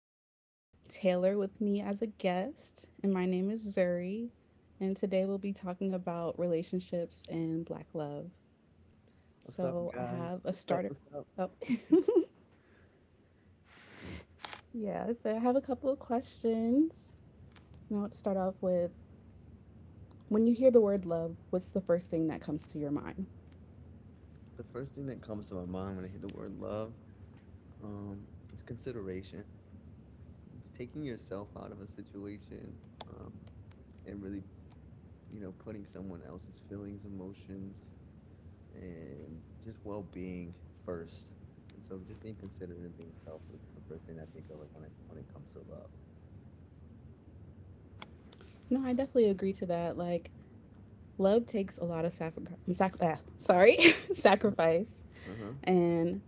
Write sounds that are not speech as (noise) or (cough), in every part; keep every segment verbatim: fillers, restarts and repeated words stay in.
have Taylor with me as a guest, and my name is Zuri. And today we'll be talking about relationships and Black love. What's up, So I have guys? a What's up? starter. What's up? Oh, (laughs) yeah. So I have a couple of questions. Now let's start off with, when you hear the word love, what's the first thing that comes to your mind? The first thing that comes to my mind when I hear the word love um, is consideration. It's taking yourself out of a situation um, and really, you know, putting someone else's feelings, emotions, and just well being first. And so just being considerate and being selfless is the first thing I think of like when it, when it comes to love. No, I definitely agree to that. Like, love takes a lot of sacrifice. Sac- ah, sorry, (laughs) sacrifice. Uh-huh. And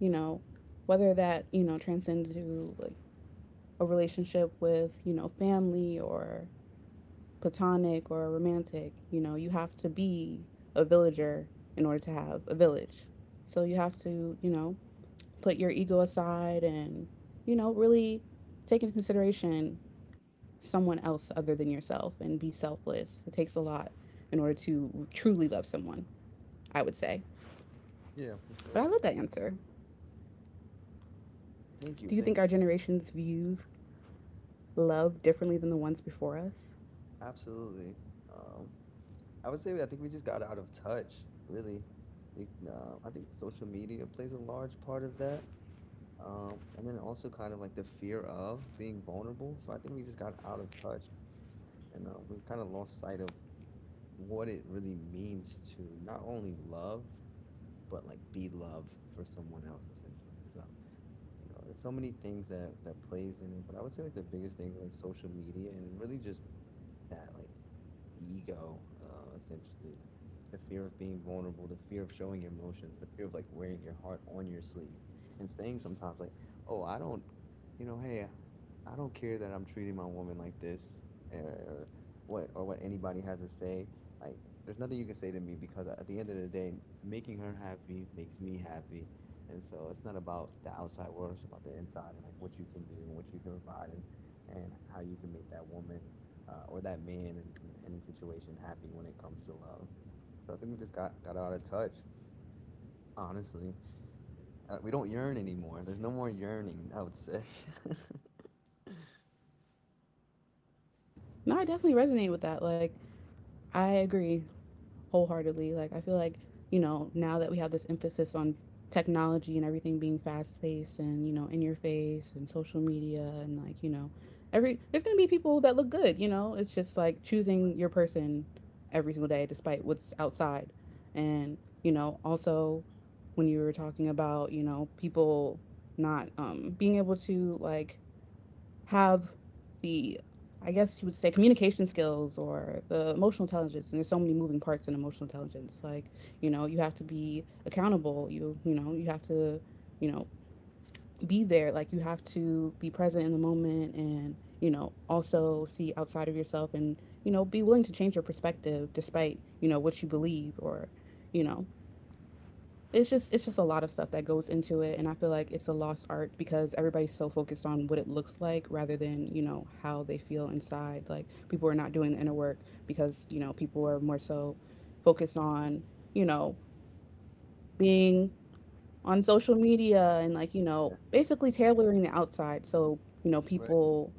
you know, whether that, you know, transcends to like a relationship with, you know, family or platonic or romantic. You know, you have to be a villager in order to have a village. So you have to, you know, put your ego aside and, you know, really take into consideration someone else other than yourself and be selfless. It takes a lot in order to truly love someone, I would say. Yeah, for But I love sure. that answer. Thank Do you. you think Thank our generation's views love differently than the ones before us? Absolutely. Um, I would say I think we just got out of touch, really. Like, no, I think social media plays a large part of that. Um, and then also kind of like the fear of being vulnerable. So I think we just got out of touch and uh, we kind of lost sight of what it really means to not only love, but like be love for someone else essentially. So, you know, there's so many things that that plays in it, but I would say like the biggest thing is like social media and really just that like ego, uh, essentially, like the fear of being vulnerable, the fear of showing your emotions, the fear of like wearing your heart on your sleeve, and saying sometimes like, "Oh, I don't, you know, hey, I don't care that I'm treating my woman like this, or, or what, or what anybody has to say. Like, there's nothing you can say to me because at the end of the day, making her happy makes me happy." And so it's not about the outside world; it's about the inside and like what you can do and what you can provide and, and how you can make that woman uh, or that man in, in any situation happy when it comes to love. So I think we just got, got out of touch, honestly. Uh, we don't yearn anymore. There's no more yearning, I would say. (laughs) No, I definitely resonate with that. Like, I agree wholeheartedly. Like, I feel like, you know, now that we have this emphasis on technology and everything being fast paced and, you know, in your face and social media and, like, you know, every, there's going to be people that look good, you know? It's just like choosing your person every single day despite what's outside. And, you know, also when you were talking about, you know, people not um, being able to, like, have the I guess you would say communication skills or the emotional intelligence. And there's so many moving parts in emotional intelligence. Like, you know, you have to be accountable. You, you know, you have to, you know, be there. Like, you have to be present in the moment and, you know, also see outside of yourself and, you know, be willing to change your perspective despite, you know, what you believe. Or, you know, it's just it's just a lot of stuff that goes into it. And I feel like it's a lost art because everybody's so focused on what it looks like rather than you know how they feel inside. Like, people are not doing the inner work because you know people are more so focused on you know being on social media and, like, you know Yeah. basically tailoring the outside so you know Right. people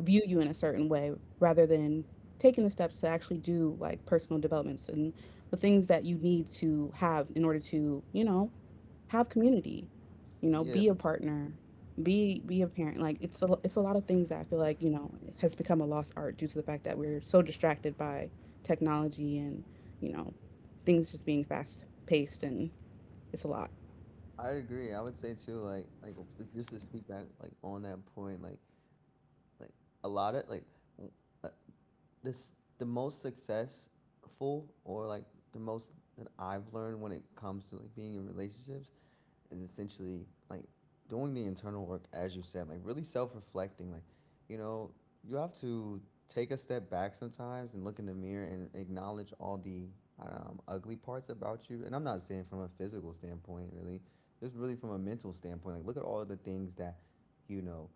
view you in a certain way rather than taking the steps to actually do like personal developments and the things that you need to have in order to you know have community, you know Yeah, be a I partner, be be a parent. Like it's a, it's a lot of things that I feel like you know has become a lost art due to the fact that we're so distracted by technology and you know things just being fast paced. And it's a lot. agree. I would say too, like, like just just to speak back, like on that point, like, like a lot of like, w- uh, this the most successful or like the most that I've learned when it comes to like being in relationships is essentially like doing the internal work, as you said, like really self reflecting. Like, you know, you have to take a step back sometimes and look in the mirror and acknowledge all the um, ugly parts about you. And I'm not saying from a physical standpoint, really, just really from a mental standpoint. Like, look at all the things that, you know,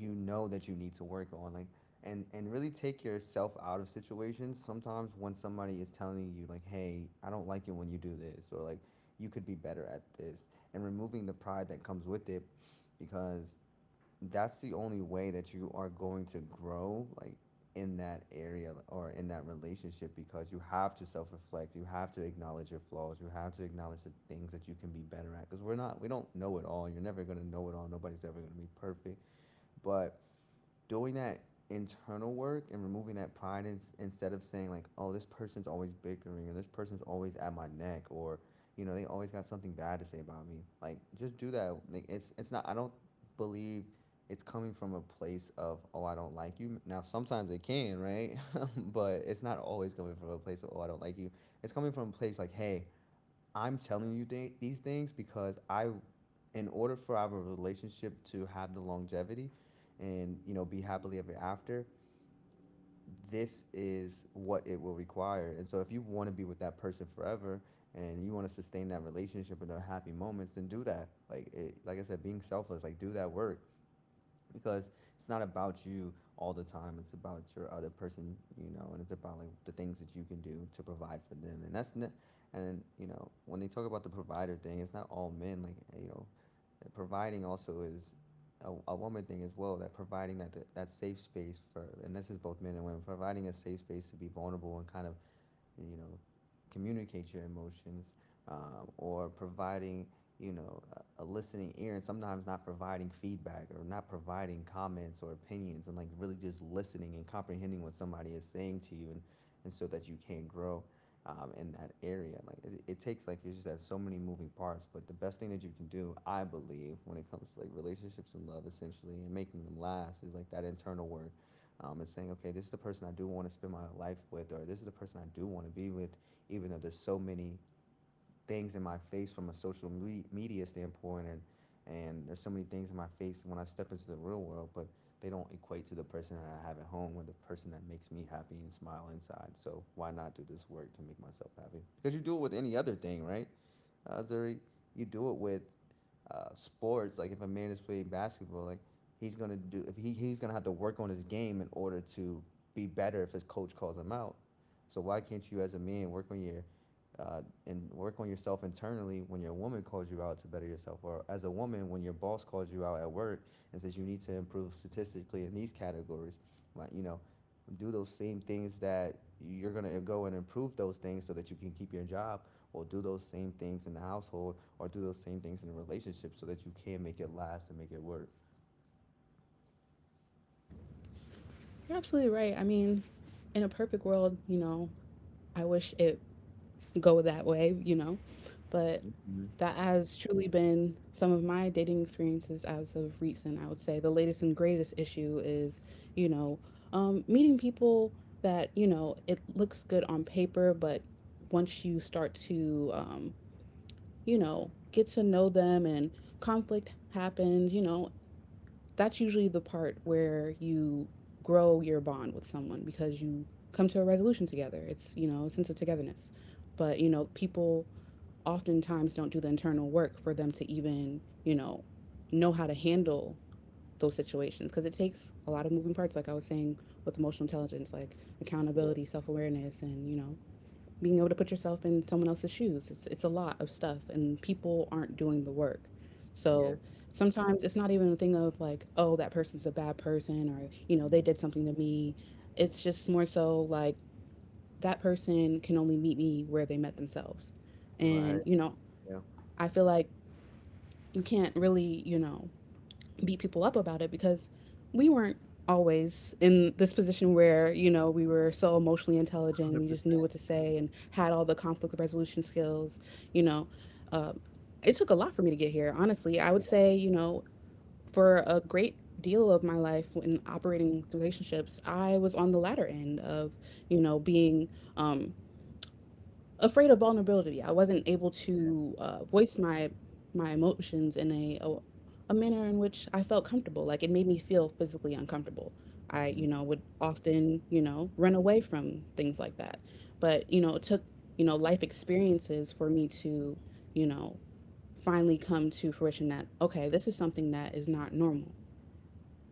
you know that you need to work on like and and really take yourself out of situations sometimes when somebody is telling you like, hey, I don't like it when you do this, or like you could be better at this, and removing the pride that comes with it, because that's the only way that you are going to grow, like in that area or in that relationship, because you have to self-reflect, you have to acknowledge your flaws, you have to acknowledge the things that you can be better at, because we're not we don't know it all, you're never going to know it all, nobody's ever going to be perfect, but doing that internal work and removing that pride in, instead of saying like, oh, this person's always bickering, or this person's always at my neck, or you know they always got something bad to say about me, like just do that, like it's it's not i don't believe it's coming from a place of, oh, I don't like you. Now sometimes it can, right? (laughs) But it's not always coming from a place of, oh, I don't like you. It's coming from a place like, hey, i'm telling you th- these things because i in order for our relationship to have the longevity and, you know be happily ever after, this is what it will require. And so if you want to be with that person forever and you want to sustain that relationship with the happy moments, then do that. Like it, like I said, being selfless, like do that work, because it's not about you all the time, it's about your other person, you know, and it's about like the things that you can do to provide for them. And that's ne- and you know, when they talk about the provider thing, it's not all men, like eh, you know, providing also is a, a woman thing as well. That providing that that safe space for, and this is both men and women, providing a safe space to be vulnerable and kind of, you know, communicate your emotions, um, or providing, you know, a, a listening ear, and sometimes not providing feedback or not providing comments or opinions, and like really just listening and comprehending what somebody is saying to you, and, and so that you can grow um, in that area. Like it, it takes like, you just have so many moving parts, but the best thing that you can do, I believe, when it comes to like relationships and love, essentially, and making them last, is like that internal work, um, and saying, okay, this is the person I do want to spend my life with, or this is the person I do want to be with, even though there's so many things in my face from a social me- media standpoint, and and there's so many things in my face when I step into the real world, but they don't equate to the person that I have at home or the person that makes me happy and smile inside. So why not do this work to make myself happy? Because you do it with any other thing, right? Uh, Zuri, you do it with uh, sports, like if a man is playing basketball, like he's gonna do if he, he's gonna have to work on his game in order to be better if his coach calls him out. So why can't you as a man work on your uh, and work on yourself internally when your woman calls you out to better yourself, or as a woman when your boss calls you out at work and says you need to improve statistically in these categories, like, you know, do those same things that you're gonna go and improve those things so that you can keep your job, or do those same things in the household, or do those same things in a relationship so that you can make it last and make it work. You're absolutely right. I mean, in a perfect world, you know I wish it go that way, you know but Mm-hmm. that has truly been some of my dating experiences as of recent. I would say the latest and greatest issue is, you know, um, meeting people that you know it looks good on paper, but once you start to, um, you know, get to know them and conflict happens, you know, that's usually the part where you grow your bond with someone because you come to a resolution together. It's you know a sense of togetherness, but you know people oftentimes don't do the internal work for them to even, you know, know how to handle those situations because it takes a lot of moving parts, like I was saying, with emotional intelligence, like Yeah. accountability, self-awareness and, you know, being able to put yourself in someone else's shoes. It's it's a lot of stuff and people aren't doing the work. Yeah. So sometimes it's not even a thing of like, oh, that person's a bad person or, you know, they did Mhm. something to me. It's just more so like that person can only meet me where they met themselves. And, Right. you know, Yeah. I feel like you can't really, you know, beat people up about it because we weren't always in this position where, you know, we were so emotionally intelligent and we Hundred just knew what percent. to say and had all the conflict resolution skills, you know. Uh, it took a lot for me to get here, honestly. I would Yeah. say, you know, for a great deal of my life when operating relationships, I was on the latter end of, you know, being um, afraid of vulnerability. I wasn't able to uh, voice my my emotions in a, a a manner in which I felt comfortable. Like, it made me feel physically uncomfortable. I Mm-hmm. you know would often you know run away from things like that. But you know it took you know life experiences for me to you know finally come to fruition that okay, this is something that is not normal.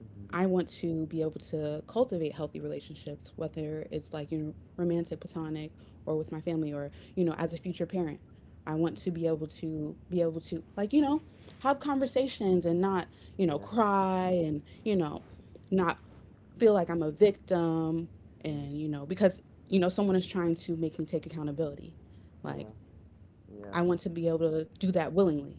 Mm-hmm. I want to be able to cultivate healthy relationships, whether it's like, you know, romantic, platonic, or with my family, or you know, as a future parent. I want Mm, to be able to be able to like you know, have conversations and not you know yeah. cry and you know, not feel like I'm a victim and you mm know because you know someone is trying to make me take accountability. Like, Yeah. Yeah. I want to be able to do that willingly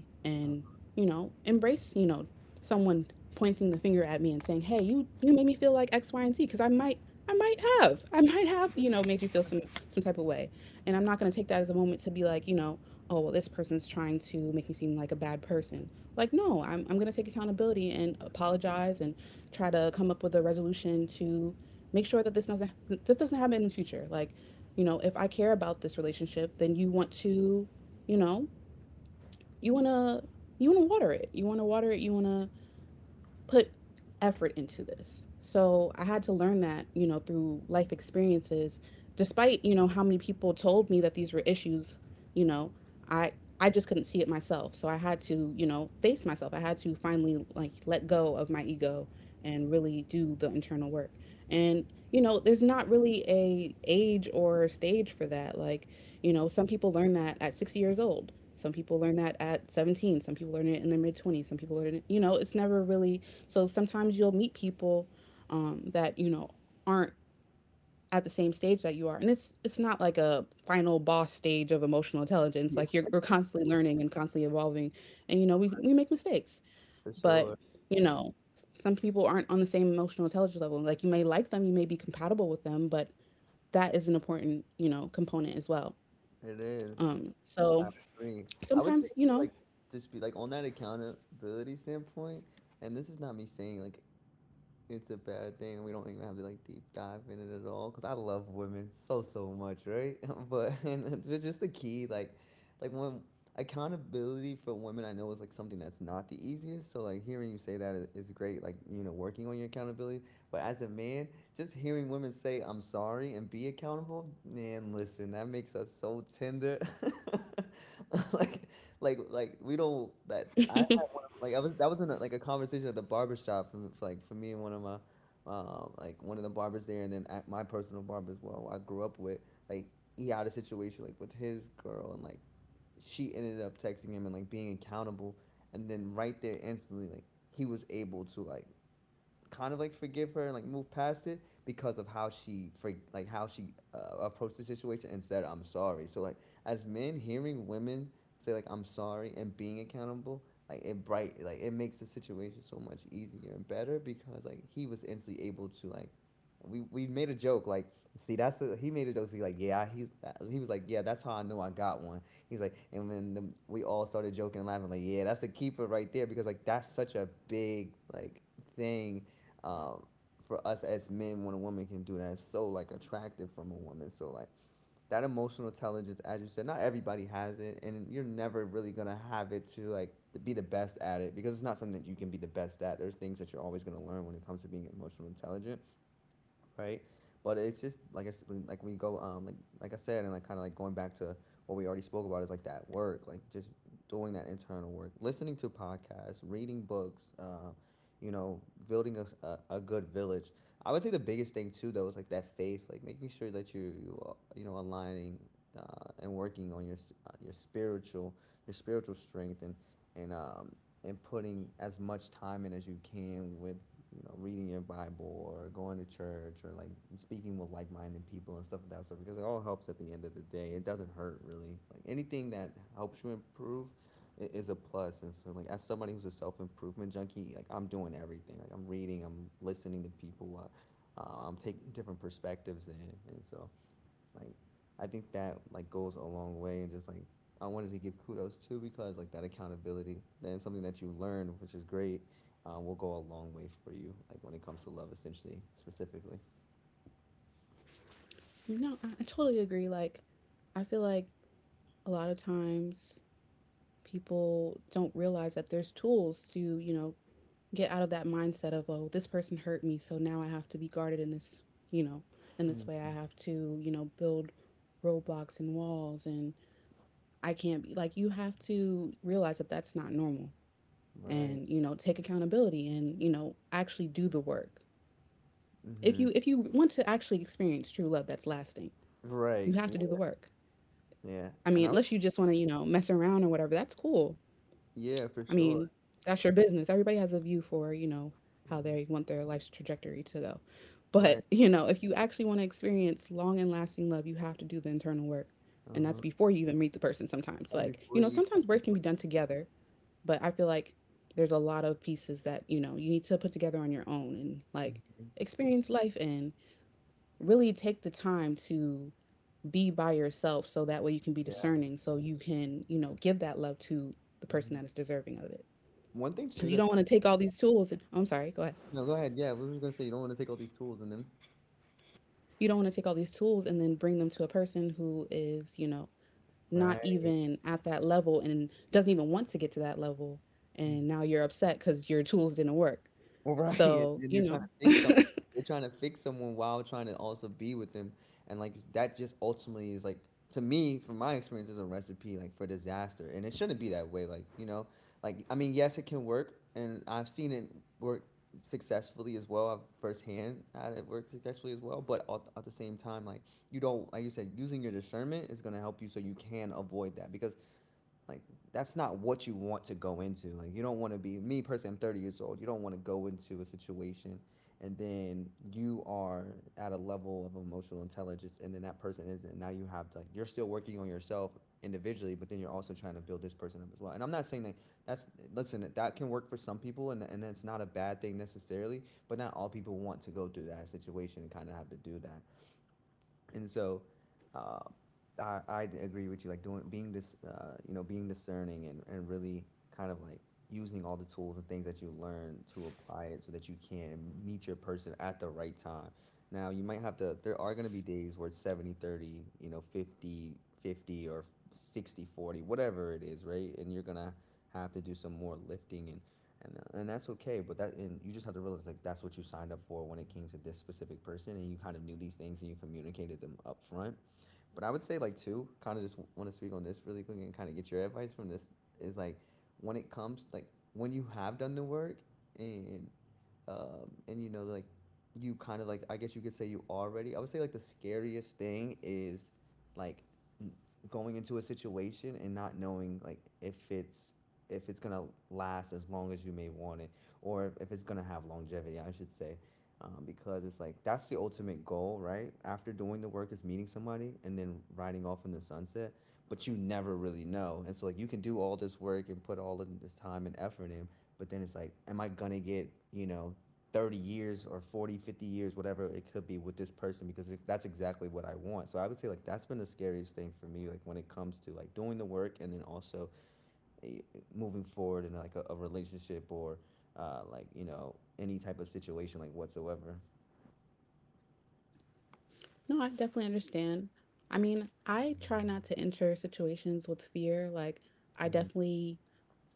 Uh, and, you know, embrace, you know, someone pointing the finger at me and saying, "Hey, you you made me feel like X, Y, and Z," because I might I might have I might have you know made you feel some some type of way, and I'm not going to take that as a moment to be like, you know, oh well, this person's trying to make me seem like a bad person. Like, no, I'm I'm going to take accountability and apologize and try to come up with a resolution to make sure that this doesn't this doesn't happen in the future. Like, you know, if I care about this relationship, then you want to you know you want to you want to water it. You want to water it you want to put effort into this. So I had to learn that, you know, through life experiences. Despite, you know, how many people told me that these were issues, you know, I I just couldn't see it myself. So I had to, you know, face myself. I had to finally like let go of my ego and really do the internal work. And you know, there's not really a age or stage for that. Like, you know, some people learn that at sixty years old. Some people learn that at seventeen. Some people learn it in their mid twenties. Some people learn it, you know, it's never really. So sometimes you'll meet people um, that you know aren't at the same stage that you are, and it's it's not like a final boss stage of emotional (laughs) intelligence. Yeah. Like, you're we're constantly learning and constantly evolving, and you know we we make mistakes, For but sure. you know some people aren't on the same emotional intelligence level. Like, you may like them, you may be compatible with them, but that is an important you know component as well. It is. And Um, so I agree. I would say sometimes you too, know like just be like on that accountability standpoint, and this is not me saying like it's a bad thing. We don't even have to like deep dive in it at all, because I love women so so much, right? (laughs) But and it's just the key, like, like when accountability for women, I know, is like something that's not the easiest. So like hearing you say that is, is great. Like, you know, working on your accountability. But as a man, just hearing women say "I'm sorry" and be accountable, man, listen, that makes us so tender. (laughs) Like, like, like we don't that I like I was that was in a, like a conversation at the barber shop from for, like for me and one of my um like one of the barbers there, and then at my personal barber as well I grew up with, like he had a situation like with his girl, and like she ended up texting him and like being accountable, and then right there instantly, like he was able to like kind of like forgive her and like move past it because of how she for like how she uh, approached the situation and said I'm sorry. So like as men, hearing women say like I'm sorry and being accountable, like it bright like it makes the situation so much easier and better, because like he was instantly able to like we, we made a joke like see that's the he made a joke, see, like, yeah, he he was like, yeah, that's how I know I got one. He's like, and then the, we all started joking and laughing like, yeah, that's a keeper right there, because like that's such a big like thing um, for us as men when a woman can do that, it's so like attractive from a woman. So like that emotional intelligence, as you said, not everybody has it, and you're never really gonna have it to like to be the best at it, because it's not something that you can be the best at. There's things that you're always gonna learn when it comes to being emotional intelligent, right? But it's just like I s- like we go um like like I said and like kind of like going back to what we already spoke about is like that work, like just doing that internal work, listening to podcasts, reading books, uh, you know, building a a a good village. I would say the biggest thing too though is like that faith, like making sure that you you, are, you know aligning, uh, and working on your s- uh, your spiritual your spiritual strength and and um and putting as much time in as you can with you know, reading your Bible or going to church or like speaking with like minded people and stuff like that. So because it all helps at the end of the day. It doesn't hurt really. Like anything that helps you improve is a plus. And so, like, as somebody who's a self improvement junkie, like, I'm doing everything. Like, I'm reading, I'm listening to people, uh, uh, I'm taking different perspectives in. And so, like, I think that like goes a long way, and just like I wanted to give kudos too because like that accountability and something that you learn, which is great, uh, will go a long way for you. Like when it comes to love, essentially, specifically. no, I, I totally agree. Like, I feel like a lot of times people don't realize that there's tools to, you know, get out of that mindset of, oh, this person hurt me, so now I have to be guarded in this, you know, in this way. I Mhm. have to, you know, build roadblocks and walls, and I can't be like, you have to realize that that's not normal Right. and, you know, take accountability and, you know, actually do the work. If Hmm. you if you want to actually experience true love that's lasting, you Right. have Yeah. to do the work. Yeah. I mean, And I was- unless you just want to, you know, mess around or whatever, that's cool. Yeah, for I mean, sure. that's your business. Everybody has a view for, you know, how they Hmm. want their life's trajectory to go. Right. But, (laughs) you know, if you actually want to experience long and lasting love, you have to do the internal work. Uh And that's huh. before you even meet the person sometimes. That's Like, you before know, you even sometimes get the- work can be done together, but I feel like there's a lot of pieces that, you know, you need to put together on your own and like Mhm. experience life and really take the time to be by yourself so that way you can be Yeah. discerning, so you can, you know, give that love to the person Hmm. that is deserving of it One thing because too you that's don't want not to so. take all these tools and oh, I'm sorry, go ahead. No, go ahead. Yeah, we were just gonna say you don't want to take all these tools and then. You don't want to take all these tools and then bring them to a person who is, you know, not Right. even at that level and doesn't even want to get to that level. And now you're upset because your tools didn't work. Right, (laughs) and So, then you you're trying know, to fix some you're trying to fix someone while trying to also be with them, and, like, that just ultimately is, like, to me, from my experience, is a recipe, like, for disaster, and it shouldn't be that way, like, you know? Like, I mean, yes, it can work, and I've seen it work successfully as well. I've firsthand had it work successfully as well, but at at the same time, like, you don't, like you said, using your discernment is gonna help you so you can avoid that because like that's not what you want to go into. Like you don't want to be me personally. I'm thirty years old. You don't want to go into a situation, and then you are at a level of emotional intelligence, and then that person isn't. Now you have to, like, you're still working on yourself individually, but then you're also trying to build this person up as well. And I'm not saying that that's, listen, that can work for some people, and and that's not a bad thing necessarily. But not all people want to go through that situation and kind of have to do that, and so uh, I, I agree with you, like doing being this, uh, you know being discerning, and, and really kind of like using all the tools and things that you learn to apply it so that you can meet your person at the right time. Now you might have to, there are going to be days where it's seventy thirty, you know fifty fifty or sixty forty, whatever it is, right? And you're going to have to do some more lifting, and and uh, and that's okay, but that and you just have to realize like that's what you signed up for when it came to this specific person, and you kind of knew these things and you communicated them up front. But I would say like too kind of just want to speak on this really quick and kind of get your advice from this is like when it comes like when you have done the work and um, and you know like you kind of like, I guess you could say, you already. I would say like the scariest thing is like going into a situation and not knowing like if it's if it's gonna last as long as you may want it, or if- if it's gonna have longevity, I should say. Um, because it's like that's the ultimate goal, right? After doing the work is meeting somebody and then riding off in the sunset, but you never really know. And so like you can do all this work and put all of this time and effort in, but then it's like, am I gonna get, you know, thirty years or forty, fifty years, whatever it could be with this person, because that's exactly what I want. So I would say like that's been the scariest thing for me, like when it comes to like doing the work and then also eh, moving forward in like a, a relationship or uh, like, you know, any type of situation like whatsoever. no, I definitely understand. I mean, I try not to enter situations with fear. Like, I Hmm. definitely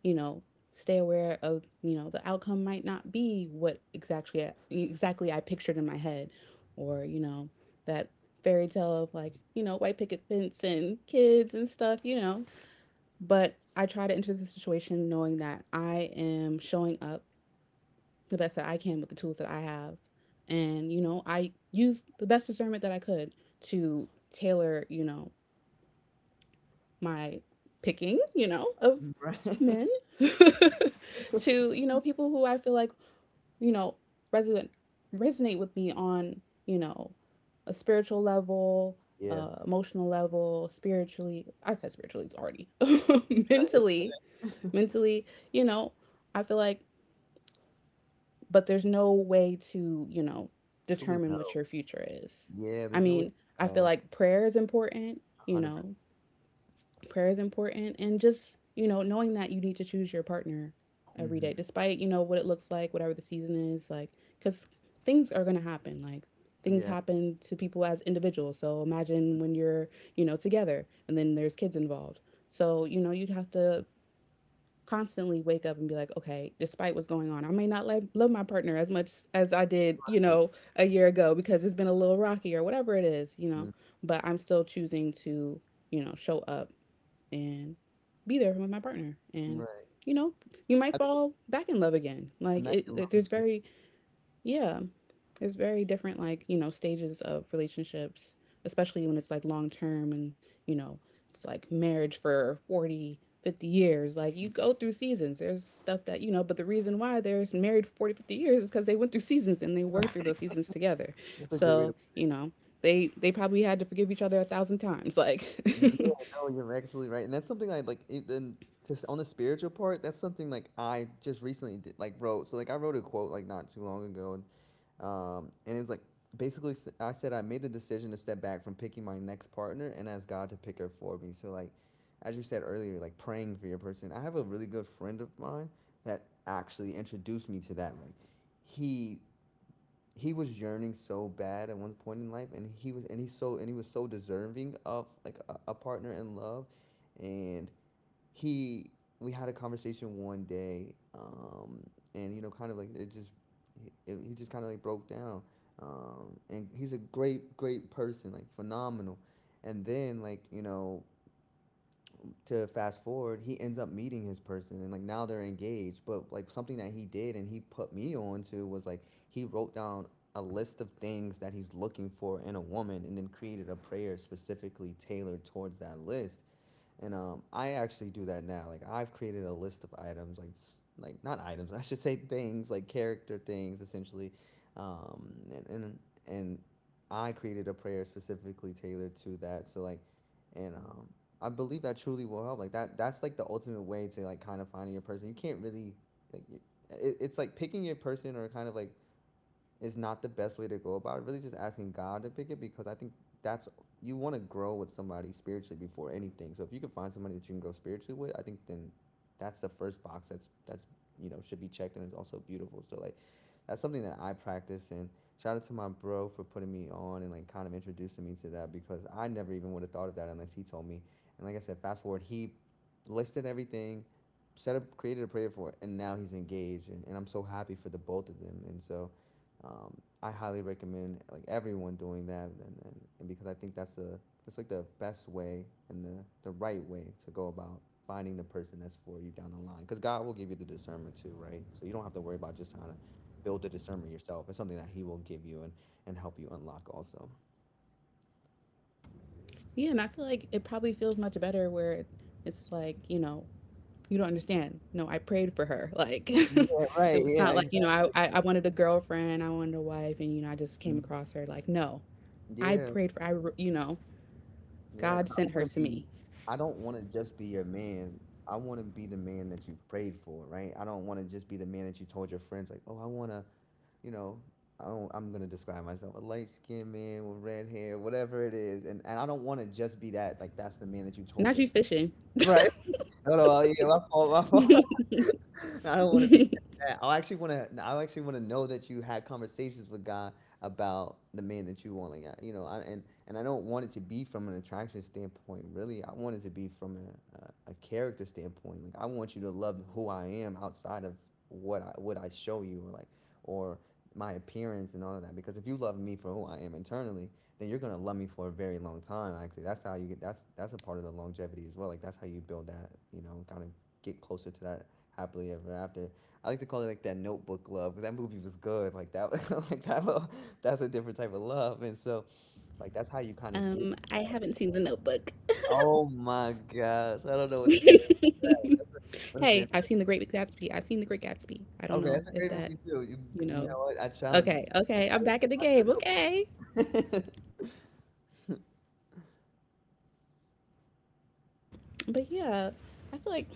you know, stay aware of, you know, the outcome might not be what exactly I, exactly I pictured in my head or, you know, that fairy tale of like, you know, white picket fence and kids and stuff, you know. But I try to enter the situation knowing that I am showing up the best that I can with the tools that I have. And, you know, I used the best discernment that I could to tailor, you know, my picking, you know, of Right. (laughs) men (laughs) to, you know, people who I feel like, you know, resonate resonate with me on, you know, a spiritual level, Yeah. uh, emotional level, spiritually. I said spiritually it's already. (laughs) (laughs) mentally, mentally, you know, I feel like but there's no way to, you know, Truly determine what no. your future is. Yeah, I there's no way mean, to I feel know. like prayer is important, you one hundred percent. know, prayer is important and just, you know, knowing that you need to choose your partner every Hmm. day despite, you know, what it looks like whatever the season is like, because things are going to happen. Like, things Yeah. happen to people as individuals, so imagine when you're, you know, together and then there's kids involved. So, you know, you'd have to constantly wake up and be like, okay, despite what's going on, I may not love, love my partner as much as I did, you Right. know, a year ago because it's been a little rocky or whatever it is, you know, Mhm. but I'm still choosing to, you know, show up and be there with my partner. And, Right. you know, you I might think. fall back in love again. Like, it, Imagine it there's loving it. very, yeah, it's very different, like, you know, stages of relationships, especially when it's like long term and, you know, it's like marriage for forty, fifty years. Like, you go through seasons. There's stuff that, you know, but the reason why they're married for forty, fifty years is because they went through seasons and they worked through those seasons together. That's a great way to. So, you know, they, they probably had to forgive each other a thousand times. Like, Yeah, (laughs) no, you're absolutely right, and that's something I like it then just on the spiritual part, that's something like I just recently did like wrote. So like I wrote a quote like not too long ago and um and it's like basically s- I said I made the decision to step back from picking my next partner and ask God to pick her for me. So like, as you said earlier, like praying for your person. I have a really good friend of mine that actually introduced me to that. Like he he was yearning so bad at one point in life, and he was and he so and he was so deserving of like a, a partner in love, and he we had a conversation one day, um and you know kind of like it just he, it- he just kind of like broke down, um and he's a great great person, like, phenomenal. And then like you know to fast forward, he ends up meeting his person and like now they're engaged. But like something that he did and he put me on to was like he wrote down a list of things that he's looking for in a woman and then created a prayer specifically tailored towards that list. And um, I actually do that now. Like I've created a list of items, like s- like not items, (laughs) I should say things, like character things, essentially. Um, and and and I created a prayer specifically tailored to that. So like, and um, I believe that truly will help. Like that, that's like the ultimate way to like kind of finding your person. You can't really, like, y- it, it's like picking your person or kind of like is not the best way to go about it. Really, just asking God to pick it because I think that's you want to grow with somebody spiritually before anything. So if you can find somebody that you can grow spiritually with, I think then that's the first box that's that's you know should be checked, and it's also beautiful. So like that's something that I practice, and shout out to my bro for putting me on and like kind of introducing me to that, because I never even would have thought of that unless he told me. And like I said, fast forward, he listed everything, set up created a prayer for it, and now he's engaged, and, and I'm so happy for the both of them. And so um, I highly recommend like everyone doing that, and, and, and because I think that's a that's like the best way and the the right way to go about finding the person that's for you down the line. Because God will give you the discernment too, right? So you don't have to worry about just trying to build the discernment yourself. It's something that He will give you and and help you unlock also. yeah, and I feel like it probably feels much better where it's like, you know, you don't understand. No, I prayed for her. Like, (laughs) Yeah, right. it was Yeah, not like, you know, exactly. I, I, I wanted a girlfriend, I wanted a wife, and you know, I just came Mhm. across her. Like, no. I Yeah, prayed for I re- You know, yeah, God because I sent don't her want to to be, me. I don't want to just be your man. I want to be the man that you've prayed for, right? I don't want to just be the man that you told your friends, like, oh, I want to, you know, I don't, I'm going to describe myself a light skinned man with red hair, whatever it is. And, and I don't want to just be that, like, that's the man that you told Not them. you fishing. No, no, well, yeah, my fault, my fault. (laughs) I don't wanna be just that. I actually wanna I actually wanna know that you had conversations with God about the man that you want, like, uh, you know, I and and I don't want it to be from an attraction standpoint. Really, I want it to be from a a a character standpoint. Like, I want you to love who I am outside of what I what I show you, or, like, or my appearance and all of that, because if you love me for who I am internally, then you're gonna love me for a very long time. Actually, that's how you get. That's that's a part of the longevity as well. Like, that's how you build that, you know, kind of get closer to that happily ever after. I like to call it like that Notebook love, because that movie was good. Like that, (laughs) like that love, that's a different type of love. And so, like, that's how you kind of get. Um, I haven't seen the Notebook. Oh my gosh, I don't know what to say. For (laughs) that. Listen, Hey, I've seen the Great Gatsby. I've seen the Great Gatsby. I don't okay, know that's a if great that, movie too. You, you you know. know what? I challenge you Okay, okay, I'm tonight. back in the game. Okay. Watch The Notebook. (laughs) But yeah, I feel like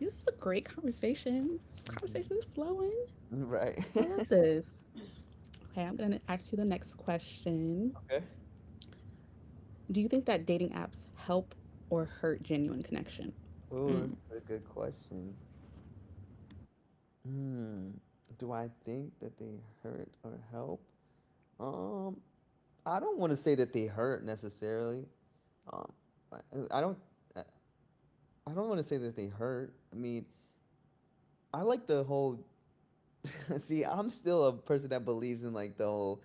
this is a great conversation. This Mhm. conversation is flowing. Right. I (laughs) love this. Okay, I'm going to ask you the next question. Okay. Do you think that dating apps help or hurt genuine connection? Oh, this is a good question. Hmm. Do I think that they hurt or help? Um, I don't want to say that they hurt necessarily. Um, I, I don't. I I don't want to say that they hurt. I mean, I like the whole. (laughs) See, I'm still a person that believes in like the whole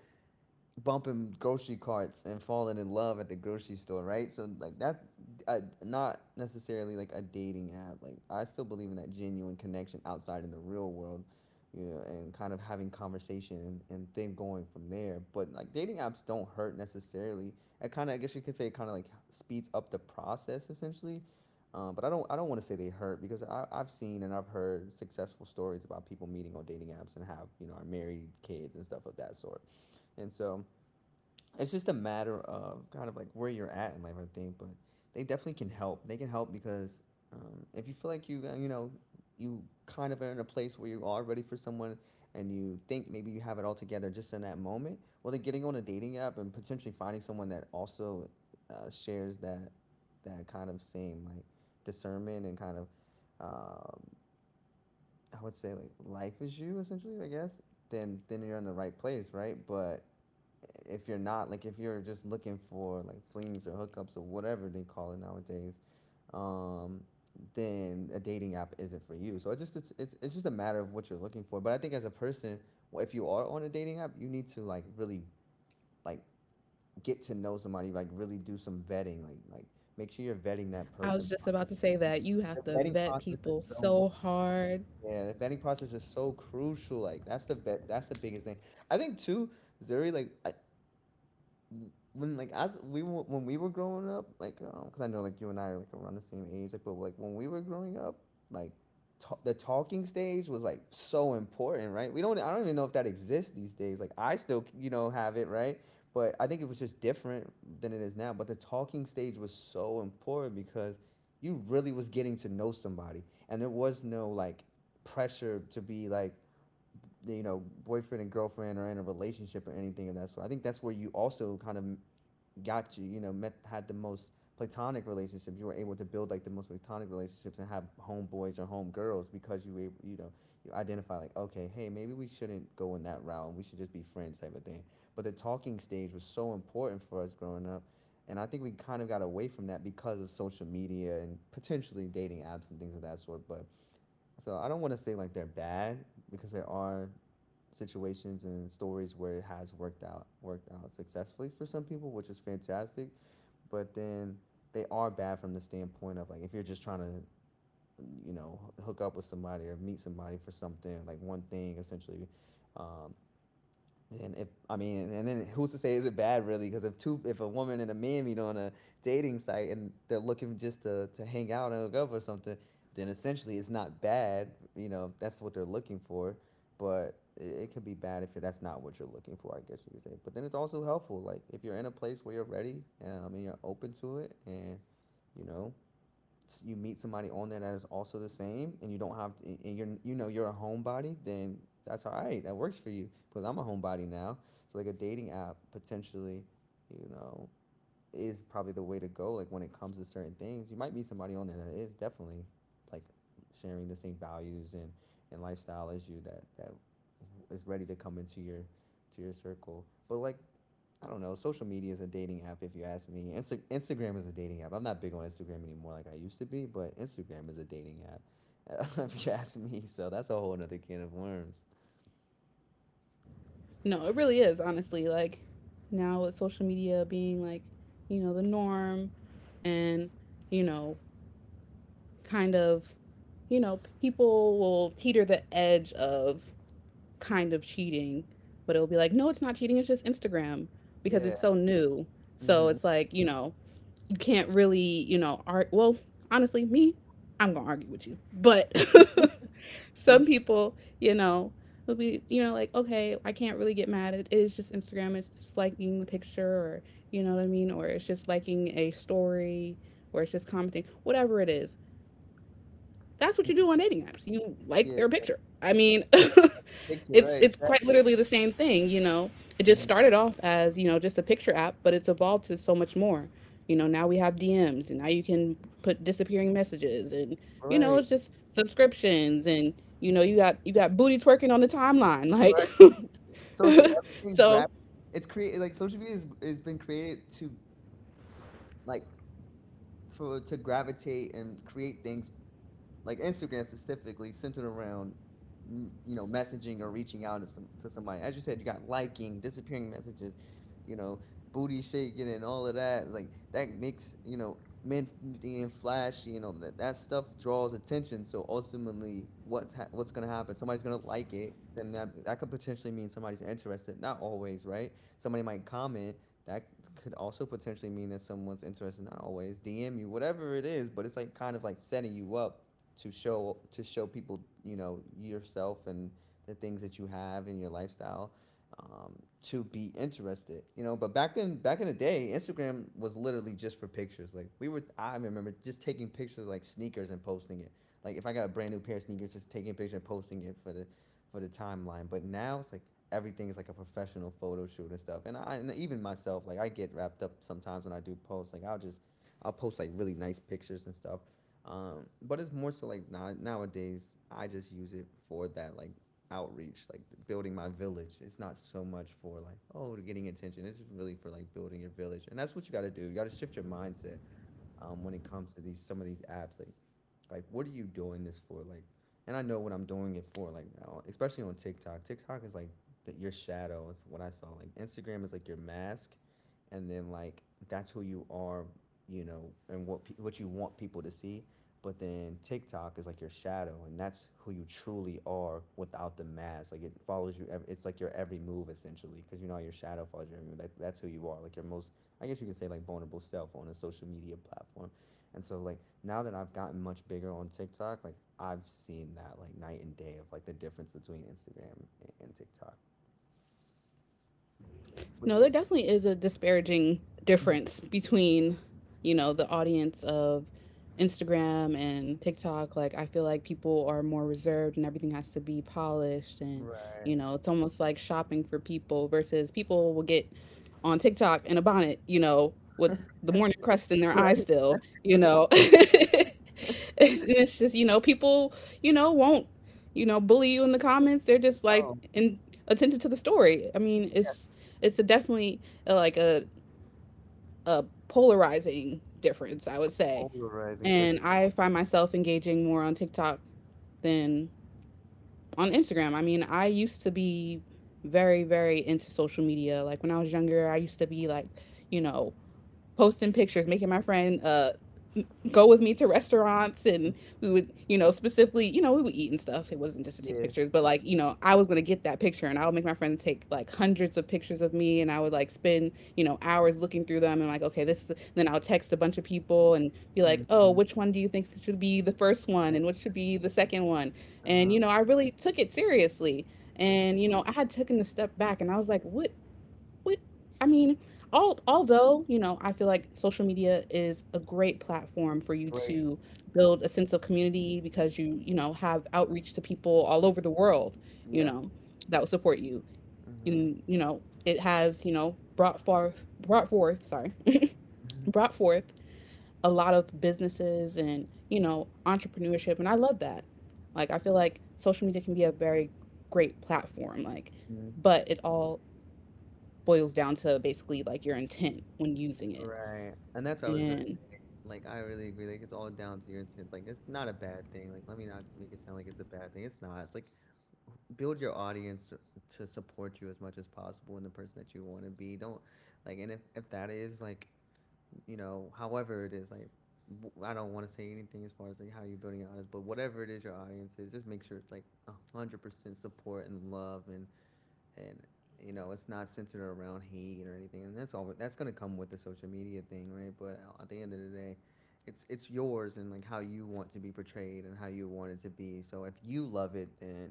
bumping grocery carts and falling in love at the grocery store, right? So like that, uh, not necessarily like a dating app. Like, I still believe in that genuine connection outside in the real world, you know, and kind of having conversation, and, and then going from there. But like, dating apps don't hurt necessarily. It kind of, I guess you could say, it kind of like speeds up the process essentially. Um, but I don't. I don't want to say they hurt, because I, I've seen and I've heard successful stories about people meeting on dating apps and have, you know, are married, kids, and stuff of that sort. And so, it's just a matter of kind of like where you're at in life, I think. But they definitely can help. They can help because um, if you feel like you, uh, you know, you kind of are in a place where you are ready for someone, and you think maybe you have it all together just in that moment, well, then getting on a dating app and potentially finding someone that also uh, shares that that kind of same, like, discernment and kind of um, I would say like, life is you essentially, I guess. Then then you're in the right place, right? But if you're not, like, if you're just looking for like flings or hookups or whatever they call it nowadays, um then a dating app isn't for you. So it just, it's, it's it's just a matter of what you're looking for. But I think as a person, well, if you are on a dating app, you need to like really, like, get to know somebody. Like really do some vetting, like like make sure you're vetting that I person. was just about to say that you The have to vetting vet process is people so, so hard. yeah, the vetting process is so crucial. Like, that's the be- that's the biggest thing, I think too. Zuri, like, when, like, as we were, when we were growing up, like, um, because I know like you and I are like around the same age, like, but like, when we were growing up, like, ta- the talking stage was like so important, right? We don't I don't even know if that exists these days. Like, I still, you know, have it, right? But I think it was just different than it is now. But the talking stage was so important, because you really was getting to know somebody, and there was no like pressure to be like, you know, boyfriend and girlfriend or in a relationship or anything of that sort. I think that's where you also kind of got you, you know, met had the most platonic relationships. You were able to build like the most platonic relationships and have homeboys or homegirls, because you were, you know, you identify like, okay, hey, maybe we shouldn't go in that route. And We should just be friends type of thing. But the talking stage was so important for us growing up. And I think we kind of got away from that because of social media and potentially dating apps and things of that sort. But so, I don't want to say like they're bad, because there are situations and stories where it has worked out worked out successfully for some people, which is fantastic. But then they are bad from the standpoint of like, if you're just trying to, you know, hook up with somebody or meet somebody for something, like one thing essentially. um, then if, I mean, and then who's to say is it bad really? Because if two, if a woman and a man meet on a dating site and they're looking just to to hang out and hook up or something, then essentially it's not bad. You know, that's what they're looking for. But it, it could be bad if that's not what you're looking for, I guess you could say. But then it's also helpful, like if you're in a place where you're ready, um, and you're open to it, and, you know, you meet somebody on there that is also the same, and you don't have to, and you're, you know, you're a homebody, then that's all right. That works for you, because I'm a homebody now. So like a dating app potentially, you know, is probably the way to go. Like, when it comes to certain things, you might meet somebody on there that is definitely, like, sharing the same values and and lifestyle as you, that that is ready to come into your, to your circle. But like, I don't know. Social media is a dating app, if you ask me. Insta- Instagram is a dating app. I'm not big on Instagram anymore like I used to be, but Instagram is a dating app, (laughs) if you ask me. So that's a whole nother can of worms. No, it really is, honestly. Like, now with social media being like, you know, the norm and, you know, kind of, you know, people will teeter the edge of kind of cheating, but it'll be like, no, it's not cheating, it's just Instagram because Yeah. it's so new. So Hmm. it's like, you know, You can't really, you know, art. Well, honestly, me, I'm gonna argue with you. But (laughs) some (laughs) people, you know, will be, you know, like, okay, I can't really get mad at it. It's just Instagram. It's just liking the picture, or you know what I mean, or it's just liking a story, or it's just commenting, whatever it is that's what you do on dating apps. You like Yeah. their picture. I mean, (laughs) Picture, it's right. it's quite Exactly. literally the same thing, you know. It just Mhm. started off as, you know, just a picture app, but it's evolved to so much more. You know, now we have D Ms and now you can put disappearing messages and, you know, Right. it's just subscriptions and, you know, you got you got booty twerking on the timeline like Right. So it's like (laughs) everything so grab. It's created, like, social media is, has been created to, like, for to gravitate and create things, like Instagram specifically centered around, mm, you know, messaging or reaching out to some to somebody. As you said, you got liking, disappearing messages, you know, booty shaking and all of that. Like, that makes, you know, men being flashy and all that. That stuff draws attention. So ultimately, what's ha- what's gonna happen? Somebody's gonna like it. Then that that could potentially mean somebody's interested. Not always, right? Somebody might comment. That could also potentially mean that someone's interested. Not always. D M you, whatever it is. But it's like kind of like setting you up to show to show people, you know, yourself and the things that you have in your lifestyle, um, to be interested, you know. But back then, back in the day, Instagram was literally just for pictures. Like we were, I remember just taking pictures of, like, sneakers and posting it, like, if I got a brand new pair of sneakers, just taking a picture and posting it for the for the timeline. But now it's like everything is like a professional photo shoot and stuff. And I, and even myself, like, I get wrapped up sometimes when I do posts. Like, i'll just I'll post like really nice pictures and stuff. Um, but it's more so like now, nowadays, I just use it for that, like, outreach, like building my village. It's not so much for like, oh, getting attention. It's really for like building your village. And that's what you got to do. You got to shift your mindset, um, when it comes to these some of these apps. Like like, what are you doing this for? Like, and I know what I'm doing it for. Like, now, especially on TikTok. TikTok is like the, your shadow. It's what I saw. Like, Instagram is like your mask, and then, like, that's who you are, you know, and what pe- what you want people to see. But then TikTok is like your shadow, and that's who you truly are without the mask. Like, it follows you. ev- It's like your every move essentially, because, you know, your shadow follows you every move. That, that's who you are. Like, your most, I guess you can say, like, vulnerable self on a social media platform. And so, like, now that I've gotten much bigger on TikTok, like, I've seen that like night and day of like the difference between Instagram and, and TikTok. But no, yeah. there definitely is a disparaging Mhm. difference between, you know, the audience of Instagram and TikTok. Like, I feel like people are more reserved and everything has to be polished. And, you Right. know, it's almost like shopping for people versus people will get on TikTok in a bonnet, you know, with the morning crust in their eye Right. still, (laughs) you Exactly. know. (laughs) It's, (laughs) and it's just, you know, people, you know, won't, you know, bully you in the comments. They're just like Oh, in attentive to the story. I mean, it's it's a definitely uh like a a polarizing difference, I would say. polarizing for And I find myself engaging more on TikTok than on Instagram. I mean, I used to be very very into social media. Like when I was younger, I used to be like, you know, posting pictures, making my friend uh go with me to restaurants sure. and we would, you know, specifically, you know, we would eat and stuff. It wasn't just to take Yeah. pictures, but like, you know, I was gonna get that picture and I would make my friends take like hundreds of pictures of me and I would like spend, you know, hours looking through them and like, okay, this then I'll text a bunch of people and be like, oh, Hmm. which one do you think should be the first Yeah. one and which should be the second one? And Uh-huh. you know, I really took it seriously. For And you sure. know, I had taken a step back and I was like, what what I mean, all, although, you know, I feel like social media is a great platform for you Great. to build a sense of community because you, you know, have outreach to people all over the world, you Yeah. know, that will support you. Mhm. And, you know, it has, you know, brought forth, brought forth, sorry, (laughs) brought forth a lot of businesses and, you know, entrepreneurship. And I love that. Like, I feel like social media can be a very great platform. Like, Mhm. but it all boils down to basically like your intent when using it. Right. And that's what I was gonna And say. Like, I really agree. Like, it's all down to your intent. Like, it's not a bad thing. Like, let me not make it sound like it's a bad thing. It's not. It's like build your audience to support you as much as possible in the person that you want to be don't like and if, if that is like you know however it is like I i don't want to say anything as far as like how you're building your audience but whatever it is your audience is just make sure it's like a one hundred percent support and love and and you know it's not centered around hate or anything and that's all that's going to come with the social media thing right but uh, at the end of the day it's it's yours and like how you want to be portrayed and how you want it to be so if you love it then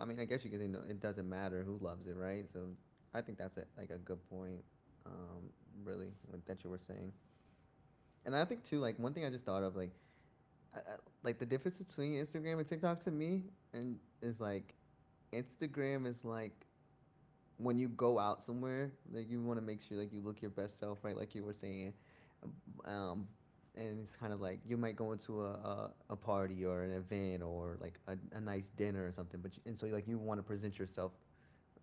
I mean I guess you can say no, it doesn't matter who loves it right so I think that's a, like a good point um really that you were saying and I think too like one thing I just thought of like I, I, like the difference between Instagram and TikTok to me and is like Instagram is like when you go out somewhere, like you want to make sure like you look your best self, right? Like you were saying, um, and it's kind of like you might go into a, a, a party or an event or like a, a nice dinner or something, but you, and so like you want to present yourself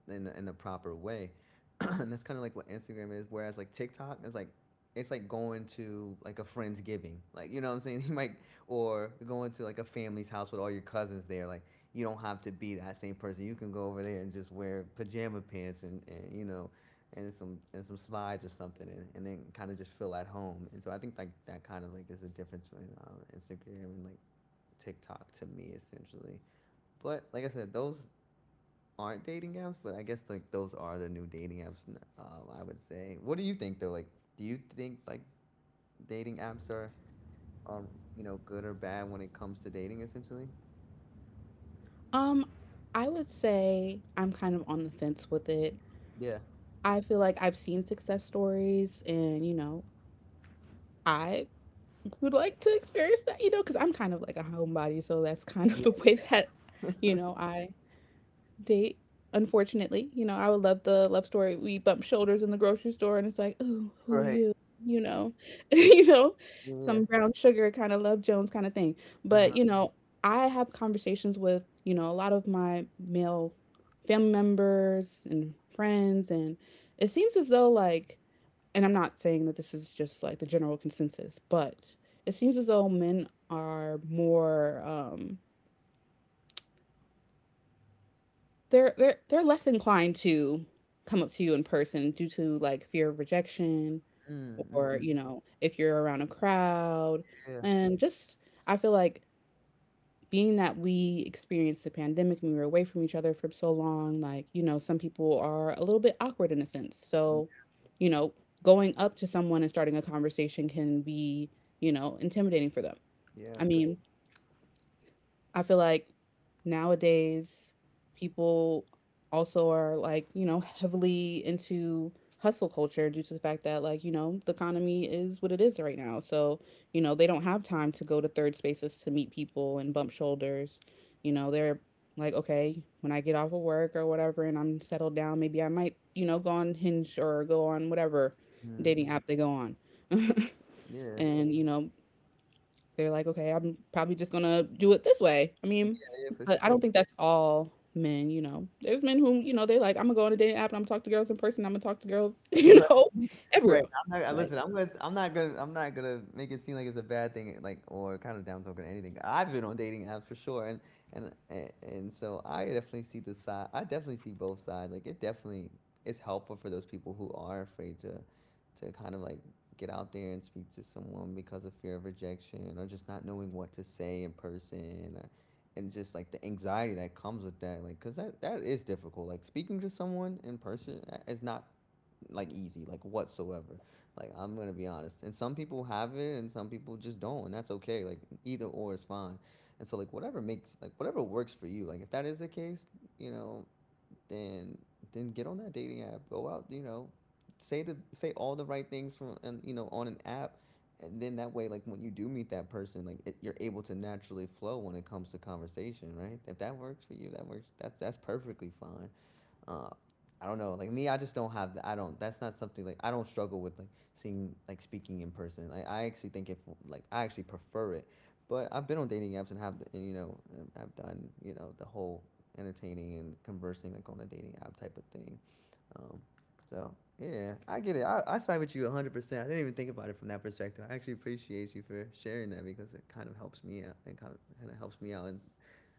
in in the proper way, (clears throat) and that's kind of like what Instagram is. Whereas like TikTok is like it's like going to like a friend's giving like you know what I'm saying, (laughs) you might or going to like a family's house with all your cousins there like you don't have to be that same person you can go over there and just wear pajama pants and, and you know and some and some slides or something and, and then kind of just feel at home and so I think like that kind of like there's a difference between um, Instagram and like TikTok to me essentially but like I said those aren't dating apps, but I guess like those are the new dating apps. Um, I would say. What do you think though? Like, do you think like dating apps are are you know good or bad when it comes to dating? Essentially. um I would say I'm kind of on the fence with it. Yeah. I feel like I've seen success stories and you know, I would like to experience that, you know, cuz I'm kind of like a homebody, so that's kind of (laughs) Yeah. the way that you know, I date. Unfortunately, you know, I would love the love story. We bump shoulders in the grocery store, and it's like, "Ooh, who are Right. you?" You know, (laughs) you know, Yeah. some brown sugar kind of love Jones kind of thing. But Uh-huh. you know, I have conversations with you know a lot of my male family members and friends, and it seems as though like, and I'm not saying that this is just like the general consensus, but it seems as though men are more um They're they're they're less inclined to come up to you in person due to like fear of rejection Mm, or, hmm. you know, if you're around a crowd. Yeah. And just I feel like being that we experienced the pandemic and we were away from each other for so long, like, you know, some people are a little bit awkward in a sense. Mm, So, you know, going up to someone and starting a conversation can be, you know, intimidating for them. yeah. I For, mean, I feel like nowadays people also are like, you know, heavily into hustle culture due to the fact that like, you know, the economy is what it is right now. So, you know, they don't have time to go to third spaces to meet people and bump shoulders. You know, they're like, okay, when I get off of work or whatever and I'm settled down, maybe I might, you know, go on Hinge or go on whatever mm, dating app they go on. (laughs) yeah. And, you know, they're like, "Okay, I'm probably just gonna do it this way." I Yeah. mean, Yeah. For but I sure. don't think that's all men, you know? There's men who, you know, they're like, "I'm gonna go on a dating app and I'm gonna talk to girls in person, Imma talk to girls," (laughs) you Right. know, everywhere Right, else. I'm not and Like listen, I'm gonna I'm not gonna I'm not gonna make it seem like it's a bad thing, like, or kind of down talking or anything. I've been on dating apps for sure, and and and and so I definitely see the side. I definitely see both sides. Like, it definitely is helpful for those people who are afraid to to kind of like get out there and speak to someone because of fear of rejection or just not knowing what to say in person. Or, and just like the anxiety that comes with that like because that, that is difficult like speaking to someone in person uh, is not like easy like whatsoever like I'm gonna be honest and some people have it and some people just don't and that's okay like either or is fine and so like whatever makes like whatever works for you like if that is the case you know then then get on that dating app go out you know say the say all the right things from and you know on an app and then that way like when you do meet that person like it, you're able to naturally flow when it comes to conversation right if that works for you that works that's that's perfectly fine. uh, I don't know. Like me, I just don't have. The, I don't. That's not something like I don't struggle with like seeing like speaking in person. Like I actually think if like I actually prefer it. But I've been on dating apps and have and, you know I've done you know the whole entertaining and conversing like on a dating app type of thing. Um, so yeah, I get it. I, I side with you one hundred percent. I didn't even think about it from that perspective. I actually appreciate you for sharing that because it kind of helps me out and kind of, kind of helps me out in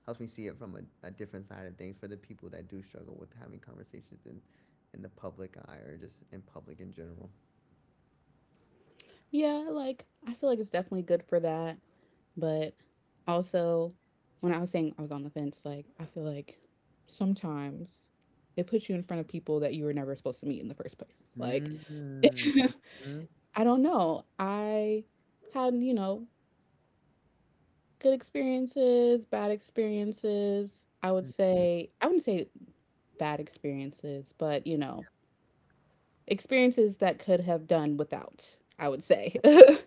helps me see it from a, a different side of things for the people that do struggle with having conversations in in the public eye or just in public in general. yeah, like, I feel like it's definitely good for that, but also, when I was saying I was on the fence, like, I feel like sometimes it puts you in front of people that you were never supposed to meet in the first place. Like, Mm. (laughs) I don't know. I had, you know, good experiences, bad experiences. I would say, I wouldn't say bad experiences, but you know, experiences that could have done without, I would say. (laughs)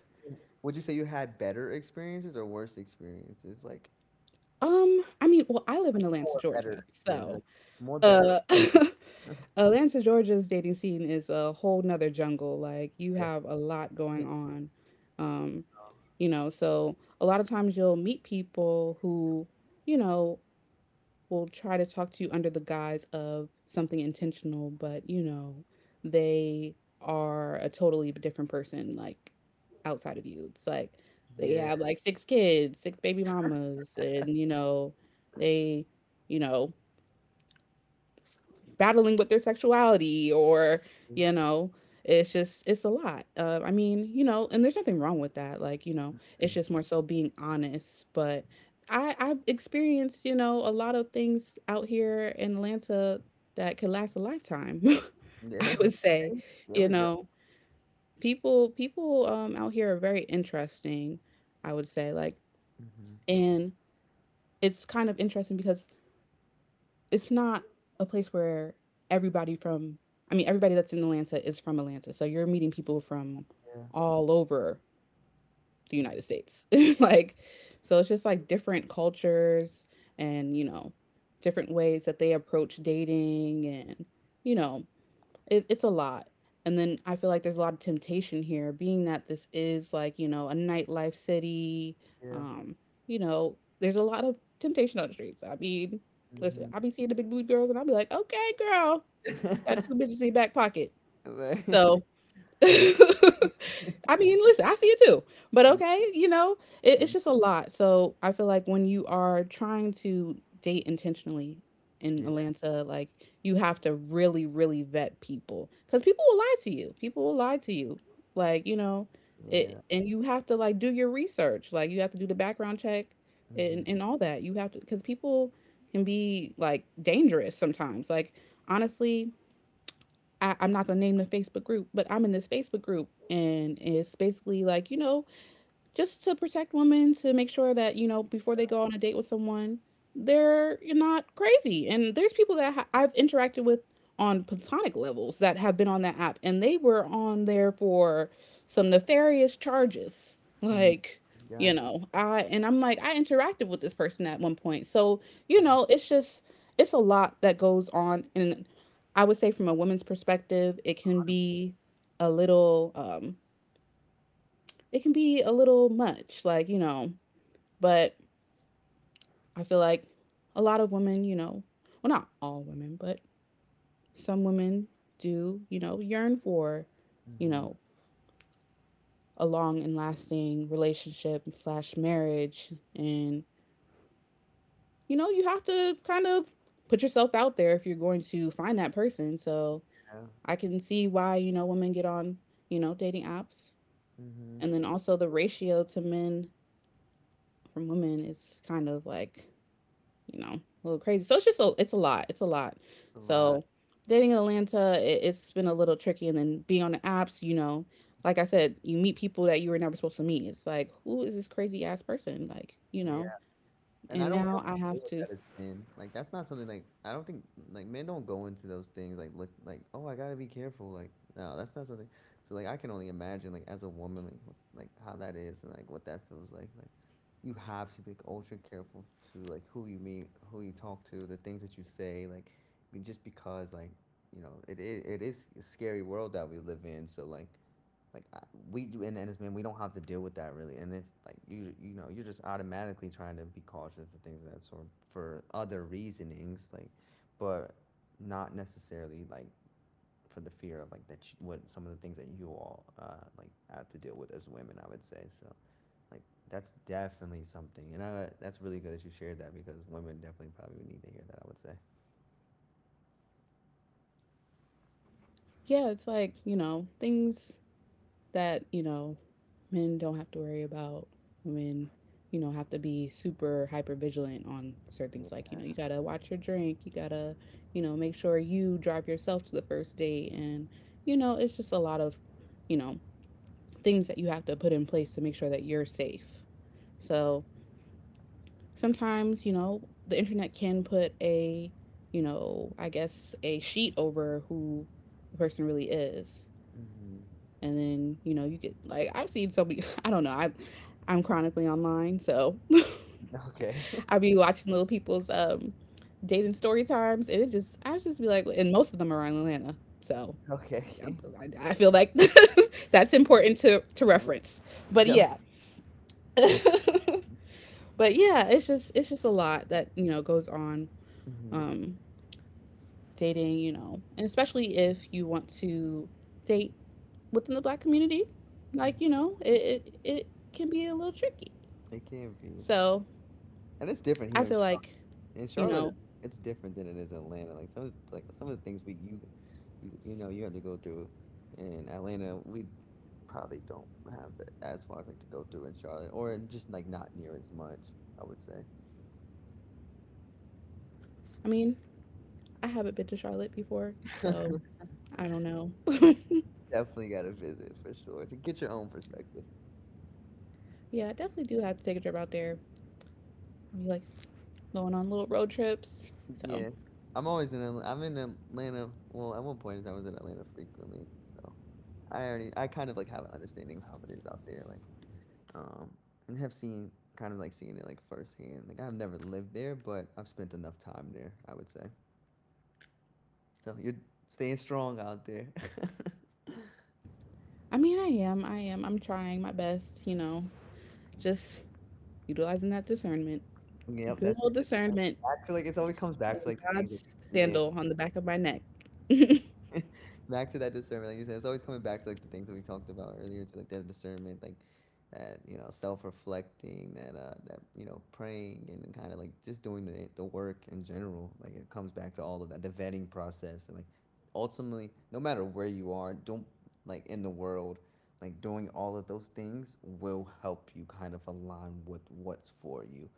Would you say you had better experiences or worse experiences? Like, um, I mean, well, I live like in Atlanta, more better Georgia. experiences, like, So, more better. uh (laughs) Yeah. Atlanta, Georgia's dating scene is a whole nother jungle. Like, you have a lot Yeah. going (laughs) on. Um, you know, so a lot of times you'll meet people who, you know, will try to talk to you under the guise of something intentional, but you know, they are a totally different person, like outside of you. It's like they Yeah. have like six kids, six baby mamas, and you know, they, you know, battling with their sexuality or Mhm. you know, it's just it's a lot. uh, I mean, you know, and there's nothing wrong with that, like, you know, it's just more so being honest. But i i've experienced, you know, a lot of things out here in Atlanta that could last a lifetime, (laughs) There we I go. would say. Okay. There You we go. know, people people um out here are very interesting, I would say. Like, Hmm. and it's kind of interesting because it's not a place where everybody from I mean, everybody that's in Atlanta is from Atlanta. So you're meeting people from all over the United States. (laughs) Like, so it's just like different cultures, and you know, different ways that they approach dating, and you know, it, it's a lot. And then I feel like there's a lot of temptation here, being that this is, like, you know, a nightlife city. Yeah. Um, you know, there's a lot of temptation on the streets. I mean, listen, Mm. I'll be seeing the big booty girls and I'll be like, okay, girl, Yeah. got two bitches in your back pocket. Hmm. (laughs) Right. So (laughs) (laughs) I mean, listen, I see it too. But Yeah. okay, you know, it, Mhm. it's just a lot. So I feel like when you are trying to date intentionally in Yeah. Atlanta, like, you have to really, really vet people because people will lie to you. People will lie to you. Like, you know, Yeah. it, and you have to like do your research. Like, you have to do the background check Hmm. and, and all that. You have to, because people can be like dangerous sometimes. Like, honestly, I, I'm not gonna name the Facebook group, but I'm in this Facebook group and it's basically like, you know, just to protect women to make sure that, you know, before they go on a date with someone, they're not crazy. And there's people that ha- I've interacted with on platonic levels that have been on that app and they were on there for some nefarious charges. Mm. Like, you Gotcha. know, I and I'm like, I interacted with this person at one point. So, you know, it's just it's a lot that goes on. And I would say from a woman's perspective, it can be a little um it can be a little much, like, you know. But I feel like a lot of women, you know, well, not all women, but some women do, you know, yearn for, you Hmm. know, a long and lasting relationship slash marriage. And, you know, you have to kind of put yourself out there if you're going to find that person. So Yeah. I can see why, you know, women get on, you know, dating apps. Hmm. And then also the ratio to men from women is kind of like, you know, a little crazy. So it's just a, it's a lot. It's a lot. It's a lot. So dating in Atlanta, it, it's been a little tricky. And then being on the apps, you know, like I said, you meet people that you were never supposed to meet. It's like, who is this crazy ass person? Like, you Yeah. know, And I and don't we don't now have I to deal have with to, that as men. Like that's not something like I don't think like men don't go into those things like look like oh I gotta be careful like no that's not something. So like I can only imagine like as a woman like wh- like how that is and like what that feels like like you have to be like ultra careful to like who you meet who you talk to the things that you say like be- just because like you know it is it is a scary world that we live in so like like we do and, and as men we don't have to deal with that really and if like you you know you're just automatically trying to be cautious and things of that sort for other reasonings like but not necessarily like for the fear of like that you, what some of the things that you all uh like have to deal with as women I would say so like that's definitely something and I that's really good that you shared that because women definitely probably would need to hear that I would say. yeah, it's like, you know, things that, you know, men don't have to worry about. Women, you know, have to be super hyper vigilant on certain things. Like, you know, you gotta watch your drink, you gotta, you know, make sure you drive yourself to the first date. And, you know, it's just a lot of, you know, things that you have to put in place to make sure that you're safe. So sometimes, you know, the internet can put a, you know, I guess a sheet over who the person really is. Hmm. And then, you know, you get like, I've seen so many. (laughs) I don't know. I I'm chronically online, so Okay. (laughs) I be watching little people's um dating story times, and it just, I just be like, and most of them are in Atlanta, so (laughs) Okay. i I, I feel like (laughs) that's important to to reference. (laughs) But No. yeah, (laughs) but yeah, it's just, it's just a lot that, you know, goes on Hmm. um dating, you know, and especially if you want to date within the black community, like, you know, it it, it can be a little tricky. It can not be. So And it's different I here in feel Charlotte. like, In you Charlotte, know, it's it's different than it is in Atlanta. Like some of the- like some of the things we you you you know you have to go through in Atlanta, we probably don't have it as far as like to go through in Charlotte, or just like not near as much. I would say. I mean, I haven't been to Charlotte before, so I don't know. (laughs) (laughs) Definitely got to visit for sure to get your own perspective. Yeah, I definitely do have to take a trip out there. We like going on little road trips. So Yeah, I'm always in. Atl- I'm in Atlanta. Well, at one point I was in Atlanta frequently, so I already I kind of like have an understanding of how it is out there. Like um, and have seen kind of like seeing it like firsthand. Like I've never lived there, but I've spent enough time there. I would say so. You're staying strong out there. (laughs) I mean, I am, I am, I'm trying my best. You know, just utilizing that discernment, Yep, good that's it. old That's discernment, back to like it's always comes back to and like the things that. God's Yeah. sandal on the back of my neck. (laughs) No, (laughs) Back to that discernment like you said it's always coming back to like the things that we talked about earlier to like that discernment like that you know self-reflecting that uh that you know praying and kind of like just doing the the work in general like it comes back to all of that the vetting process and like ultimately no matter where you are don't like in the world like doing all of those things will help you kind of align with what's for you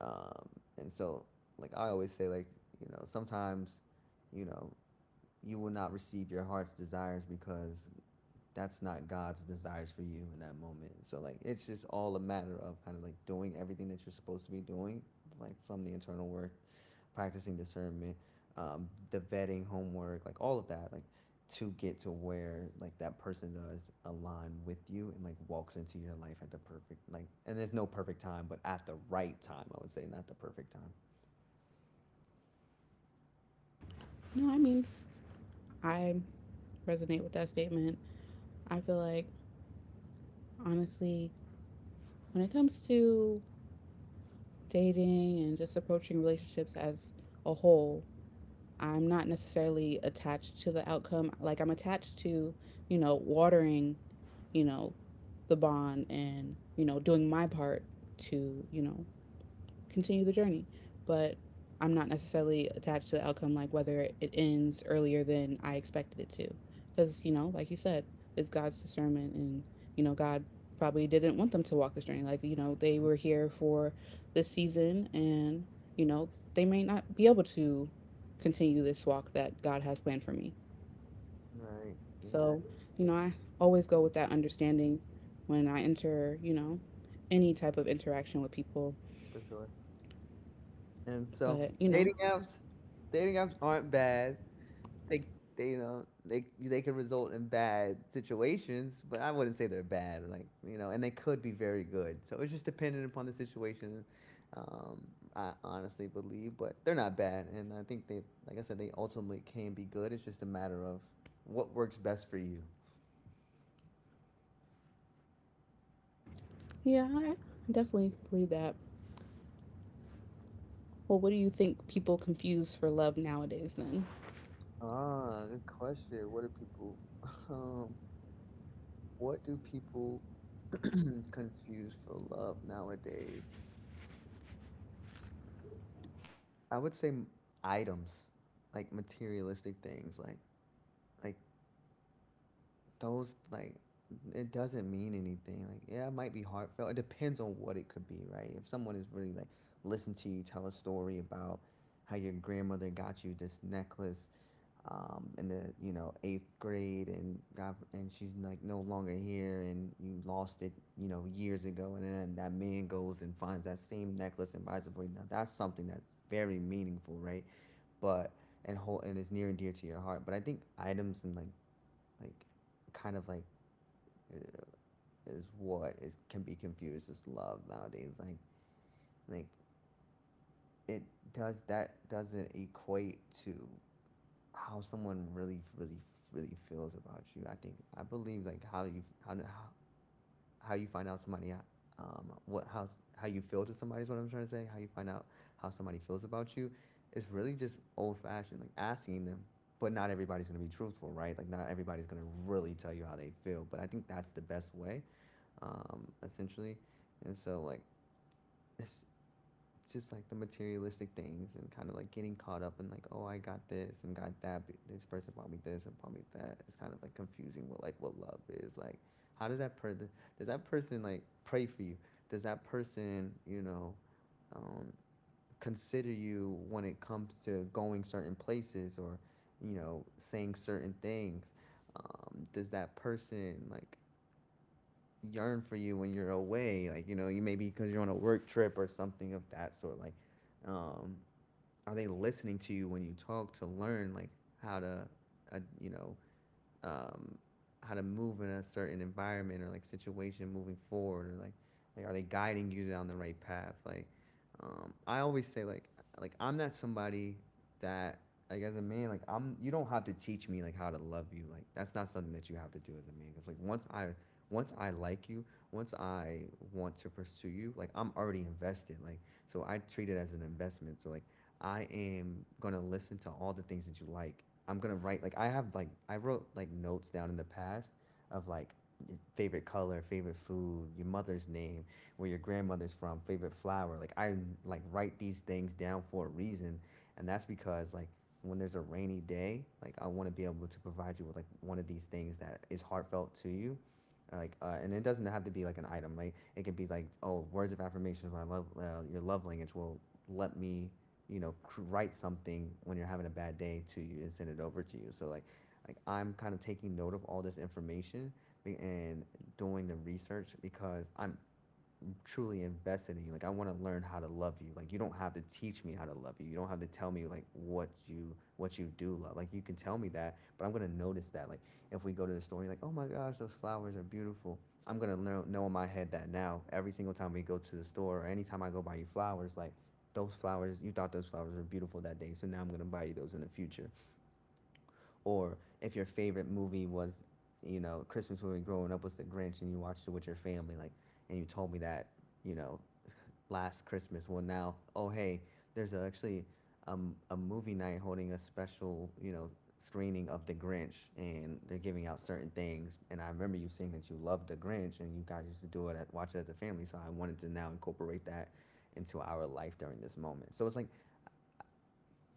um and so like I always say like you know sometimes you know you will not receive your heart's desires because that's not God's desires for you in that moment. So like it's just all a matter of kind of like doing everything that you're supposed to be doing, like from the internal work, practicing discernment, um, the vetting homework, like all of that, like to get to where like that person does align with you and like walks into your life at the perfect like and there's no perfect time, but at the right time, I would say, not the perfect time. I mean, I resonate with that statement. I feel like, honestly, when it comes to dating and just approaching relationships as a whole, I'm not necessarily attached to the outcome. Like, I'm attached to, you know, watering, you know, the bond and, you know, doing my part to, you know, continue the journey. But I'm not necessarily attached to the outcome, like whether it ends earlier than I expected it to. Because, you know, like you said, it's God's discernment, and, you know, God probably didn't want them to walk this journey. Like, you know, they were here for this season, and, you know, they may not be able to continue this walk that God has planned for me. Right, So, exactly, you know, I always go with that understanding when I enter, you know, any type of interaction with people. for sure. And so But, you know, dating apps, dating apps aren't bad. They, they you know, they they can result in bad situations, but I wouldn't say they're bad. Like you know, and they could be very good. So it's just dependent upon the situation. Um, I honestly believe, but they're not bad, and I think they, like I said, they ultimately can be good. It's just a matter of what works best for you. yeah, I definitely believe that. Well, what do you think people confuse for love nowadays then? Ah, good question. What do people, (laughs) um, what do people (clears throat) confuse for love nowadays? I would say m- items, like materialistic things, like like those like it doesn't mean anything. Like yeah, it might be heartfelt. It depends on what it could be, right? If someone is really like listen to you tell a story about how your grandmother got you this necklace um, in the you know eighth grade and got and she's like no longer here and you lost it you know years ago. And then that man goes and finds that same necklace and buys it for you. Now that's something that's very meaningful, right? But and whole and is near and dear to your heart. But I think items and like like kind of like is what is can be confused as love nowadays. Like like it does that doesn't equate to how someone really really really feels about you. I think I believe like how you how how how you find out somebody um, what how how you feel to somebody is what I'm trying to say. How you find out how somebody feels about you is really just old fashioned, like asking them. But not everybody's gonna be truthful, right? Like not everybody's gonna really tell you how they feel. But I think that's the best way, um, essentially. And so like it's just like the materialistic things and kind of like getting caught up in like, oh, I got this and got that, this person bought me this and bought me that. It's kind of like confusing what like what love is. Like how does that person, does that person like pray for you, does that person, you know, um, consider you when it comes to going certain places or, you know, saying certain things? Um, does that person like yearn for you when you're away, like, you know, you, maybe because you're on a work trip or something of that sort, like, um, are they listening to you when you talk to learn like how to uh, you know um, how to move in a certain environment or like situation moving forward, or like like are they guiding you down the right path? Like um, I always say like like I'm not somebody that like as a man like I'm, you don't have to teach me like how to love you. Like that's not something that you have to do as a man. Because like once i once i like you, once i want to pursue you, like I'm already invested. Like so I treat it as an investment. So like I am gonna listen to all the things that you like. I'm gonna write, like I have like I wrote like notes down in the past of like your favorite color, favorite food, your mother's name, where your grandmother's from, favorite flower. Like I like write these things down for a reason, and that's because like when there's a rainy day, like I want to be able to provide you with like one of these things that is heartfelt to you. Uh, Like uh, and it doesn't have to be like an item. Like it could be like, oh, words of affirmation. My love, uh, your love language will let me, you know, write something when you're having a bad day to you and send it over to you. So like like I'm kind of taking note of all this information and doing the research because I'm truly invested in you. Like I want to learn how to love you. Like you don't have to teach me how to love you. You don't have to tell me like what you what you do love. Like you can tell me that, but I'm gonna notice that. Like if we go to the store and you're like, oh my gosh, those flowers are beautiful, I'm gonna know, know in my head that now every single time we go to the store or anytime I go buy you flowers, like those flowers, you thought those flowers were beautiful that day, so now I'm going to buy you those in the future. Or if your favorite movie was, you know, Christmas movie growing up was The Grinch and you watched it with your family, like and you told me that, you know, last Christmas. Well, now, oh hey, there's actually um, a movie night holding a special, you know, screening of The Grinch, and they're giving out certain things. And I remember you saying that you loved The Grinch, and you guys used to do it, at, watch it as a family. So I wanted to now incorporate that into our life during this moment. So it's like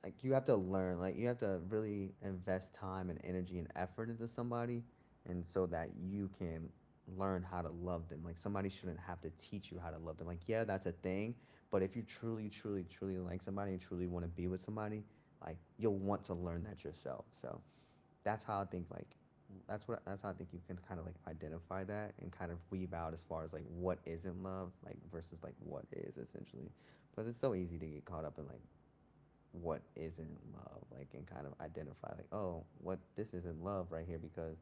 like you have to learn, like you have to really invest time and energy and effort into somebody, and so that you can learn how to love them. Like somebody shouldn't have to teach you how to love them. Like, yeah, that's a thing. But if you truly truly truly like somebody and truly want to be with somebody, like you'll want to learn that yourself. So that's how I think like that's what that's how I think you can kind of like identify that and kind of weave out as far as like what isn't love, like versus like what is, essentially. But it's so easy to get caught up in like what isn't love, like, and kind of identify, like, oh, what, this isn't love right here because,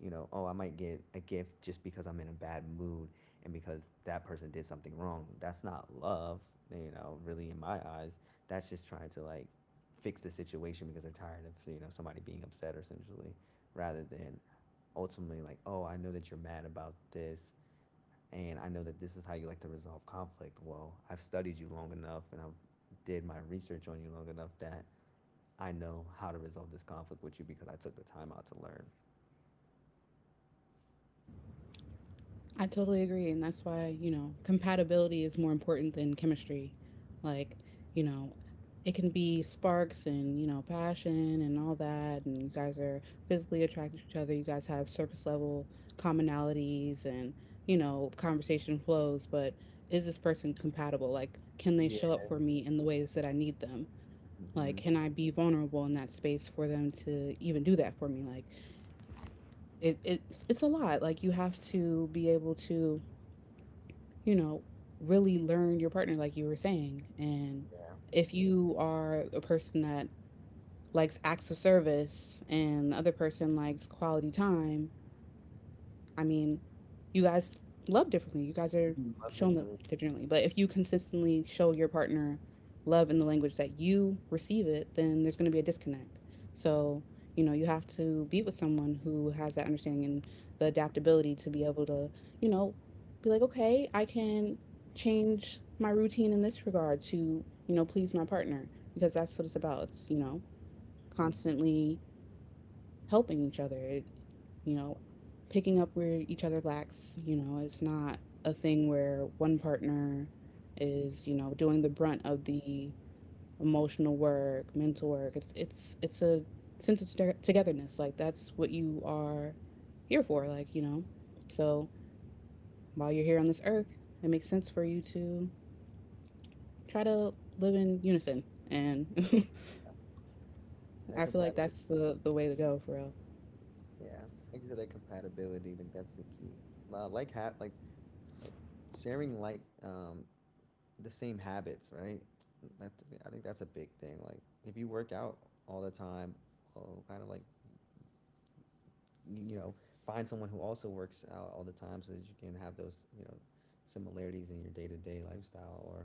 you know, oh, I might get a gift just because I'm in a bad mood and because that person did something wrong. That's not love, you know, really in my eyes. That's just trying to, like, fix the situation because they're tired of, you know, somebody being upset, essentially, rather than ultimately, like, oh, I know that you're mad about this and I know that this is how you like to resolve conflict. Well, I've studied you long enough and I've did my research on you long enough that I know how to resolve this conflict with you because I took the time out to learn. I totally agree. And that's why, you know, compatibility is more important than chemistry. Like, you know, it can be sparks and, you know, passion and all that. And you guys are physically attracted to each other. You guys have surface level commonalities and, you know, conversation flows. But is this person compatible? Like, can they Yeah. show up for me in the ways that I need them? Like, Mm-hmm. can I be vulnerable in that space for them to even do that for me? Like, it, it's it's a lot. Like, you have to be able to, you know, really learn your partner, like you were saying. And Yeah. if you are a person that likes acts of service and the other person likes quality time, I mean, you guys love differently. You guys are He loves it shown for love me. differently. But if you consistently show your partner love in the language that you receive it, then there's going to be a disconnect. So, you know, you have to be with someone who has that understanding and the adaptability to be able to, you know, be like, okay, I can change my routine in this regard to, you know, please my partner, because that's what it's about. It's, you know, Mm-hmm. constantly helping each other. It, you know, picking up where each other lacks, you know, it's not a thing where one partner is, you know, doing the brunt of the emotional work, mental work. It's it's it's a sense of toge- togetherness. Like, that's what you are here for, like, you know. So, while you're here on this earth, it makes sense for you to try to live in unison. And (laughs) That I feel like that's compatibility. the the way to go for real. Yeah. Like you said, that compatibility. Like that's the key. Uh, Like ha- like like sharing like um the same habits, right? That I think that's a big thing. Like if you work out all the time, oh, kind of like y- you know find someone who also works out all the time so that you can have those, you know, similarities in your day to day lifestyle. Or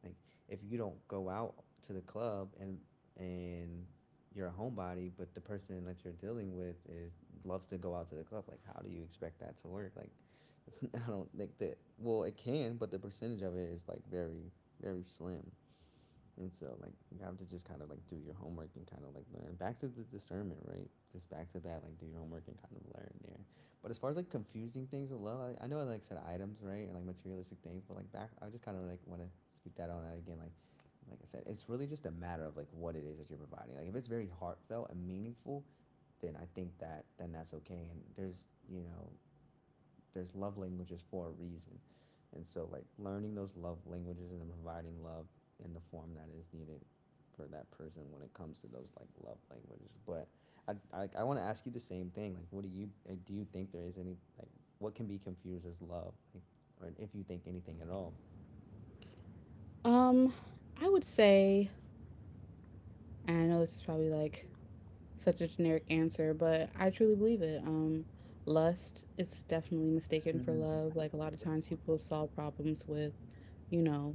like if you don't go out to the club and and you're a homebody, but the person that you're dealing with is loves to go out to the club. Like, how do you expect that to work? Like, it's (laughs) I don't think that. Well, it can, but the percentage of it is like very very slim. And so like you have to just kind of like do your homework and kind of like learn. Back to the discernment, right? Just back to that, like, do your homework and kind of learn there. But as far as like confusing things with love, I, I know I like said items, right? And like materialistic things, but like back, I just kind of like want to speak that on out again. Like like I said, it's really just a matter of like what it is that you're providing. Like if it's very heartfelt and meaningful, then I think that then that's okay. And there's, you know, there's love languages for a reason. And so, like, learning those love languages and then providing love in the form that is needed for that person when it comes to those like love languages. But I I, I want to ask you the same thing. Like, what do you like do? You think there is any like what can be confused as love, like, or if you think anything at all? Um I would say, and I know this is probably like such a generic answer, but I truly believe it. Um, lust is definitely mistaken for Mhm. love. Like, a lot of times people solve problems with, you know,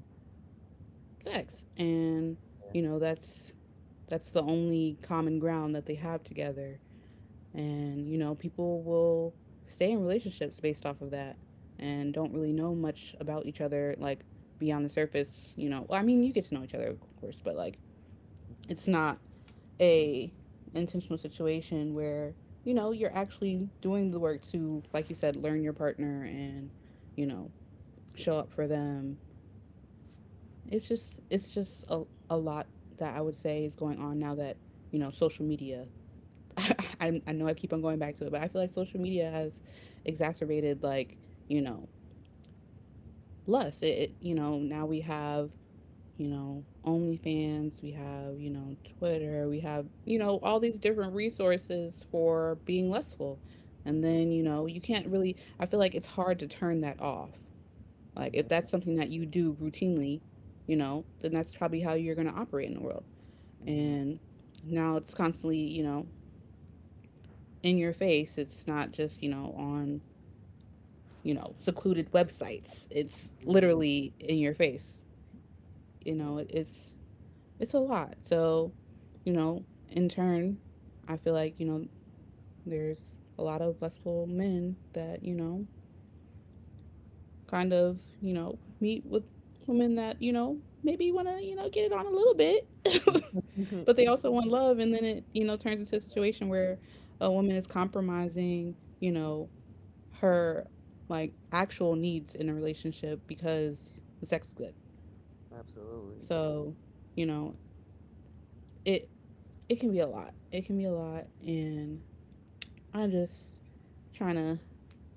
sex. And, you know, that's that's the only common ground that they have together. And, you know, people will stay in relationships based off of that and Mhm. don't really know much about each other, like beyond the surface, you know. Well, I mean, you get to know each other, of course, but like it's not a intentional situation where, you know, you're actually doing the work to, like you said, learn your partner and, you know, show up for them. It's just, it's just a, a lot that I would say is going on now that, you know, social media (laughs) I, I know I keep on going back to it, but I feel like social media has exacerbated, like, you know, lust. it, it You know, now we have, you know, OnlyFans, we have, you know, Twitter, we have, you know, all these different resources for being lustful. Mhm. And Mhm. then, you know, you can't really, I feel like it's hard to turn that off. Like, if that's Yeah. something that you do routinely, you know, then that's probably how you're going to operate in the world. Mhm. And now it's constantly, you know, in your face. It's not just, you know, on, you know, secluded websites. It's Yeah. literally in your face. You know, it's it's a lot. So, you know, in turn, I feel like, you know, there's a lot of blessful men that, you know, kind of, you know, meet with women that, you know, maybe want to, you know, get it on a little bit. Yeah. (laughs) (laughs) But they also want love, and then it, you know, turns into a situation where a woman is compromising, you know, her like actual needs in a relationship because the sex is good. Absolutely. So, you know, it it can be a lot. It can be a lot, and I'm just trying to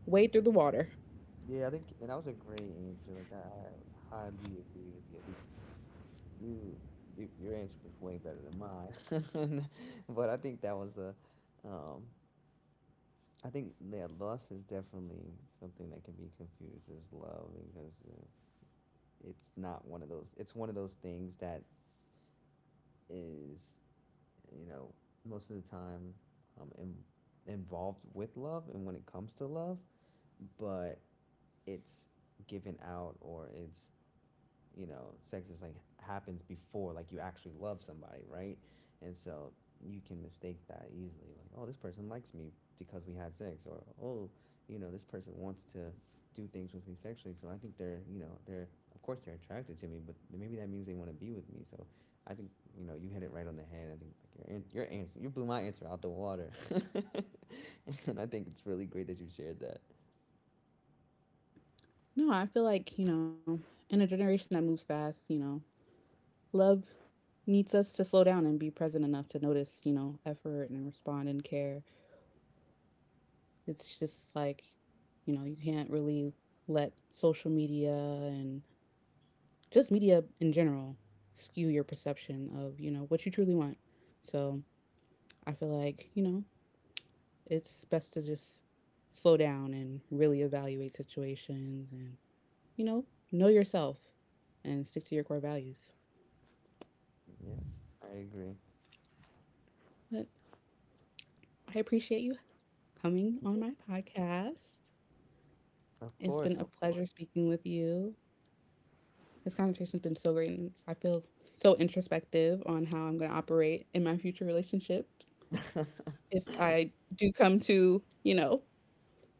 wade through the water. Yeah, I think and that was a great answer. Like I, I highly agree with you. I think you, you your answer was way better than mine. (laughs) But I think that was a, um, I think that lust is definitely something that can be confused as love because uh, it's not one of those. It's one of those things that is, you know, most of the time, um, in, involved with love and when it comes to love, but it's given out or it's, you know, sex is like happens before like you actually love somebody, right? And so you can mistake that easily. Like, oh, this person likes me because we had sex. Or, oh, you know, this person wants to do things with me sexually, so I think they're, you know, they're, of course they're attracted to me, but maybe that means they want to be with me. So I think, you know, you hit it right on the head. I think like your your answer, you blew my answer out the water. (laughs) And I think it's really great that you shared that. No, I feel like, you know, in a generation that moves fast, you know, love needs us to slow down and be present enough to notice, you know, effort and respond and care. It's just like, you know, you can't really let social media and just media in general skew your perception of, you know, what you truly want. So I feel like, you know, it's best to just slow down and really evaluate situations and, you know, know yourself and stick to your core values. Yeah, I agree. But I appreciate you coming on my podcast. Of It's been a course. Of pleasure speaking with you. This conversation has been so great, and I feel so introspective on how I'm going to operate in my future relationship course. if (laughs) I do come to, you know,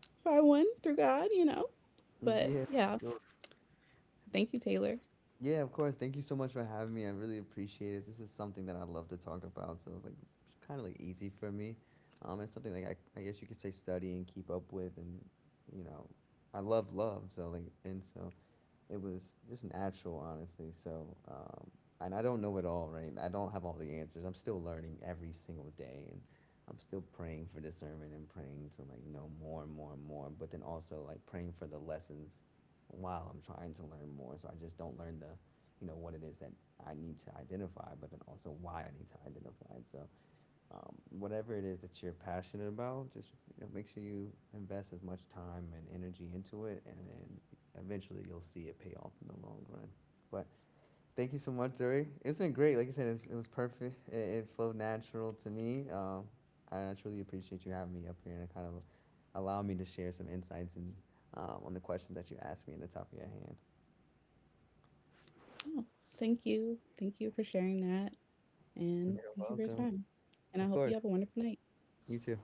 if I win through God, you know. But Yeah, yeah, for sure. thank you, Taylor. Yeah, of course. Thank you so much for having me. I really appreciate it. This is something that I love to talk about, so it's like kind of like easy for me. Um, it's something like, I, I guess you could say study and keep up with. And, you know, I love love, so like and so it was just natural, honestly. So, um, and I don't know it all, right? I don't have all the answers. I'm still learning every single day, and I'm still praying for discernment and praying to like know more and more and more. But then also like praying for the lessons while I'm trying to learn more. So I just don't learn the, you know, what it is that I need to identify, but then also why I need to identify it. So um, whatever it is that you're passionate about, just, you know, make sure you invest as much time and energy into it, and then eventually you'll see it pay off in the long run. But thank you so much, Zuri. It's been great. Like I said, it was, it was perfect. It, it flowed natural to me. Um, I truly appreciate you having me up here and kind of allow me to share some insights and, um, on the questions that you asked me and the topic at hand. Oh, thank you. Thank you for sharing that. And You're thank you for your welcome. time. And I hope Of you have a course. wonderful night. You too.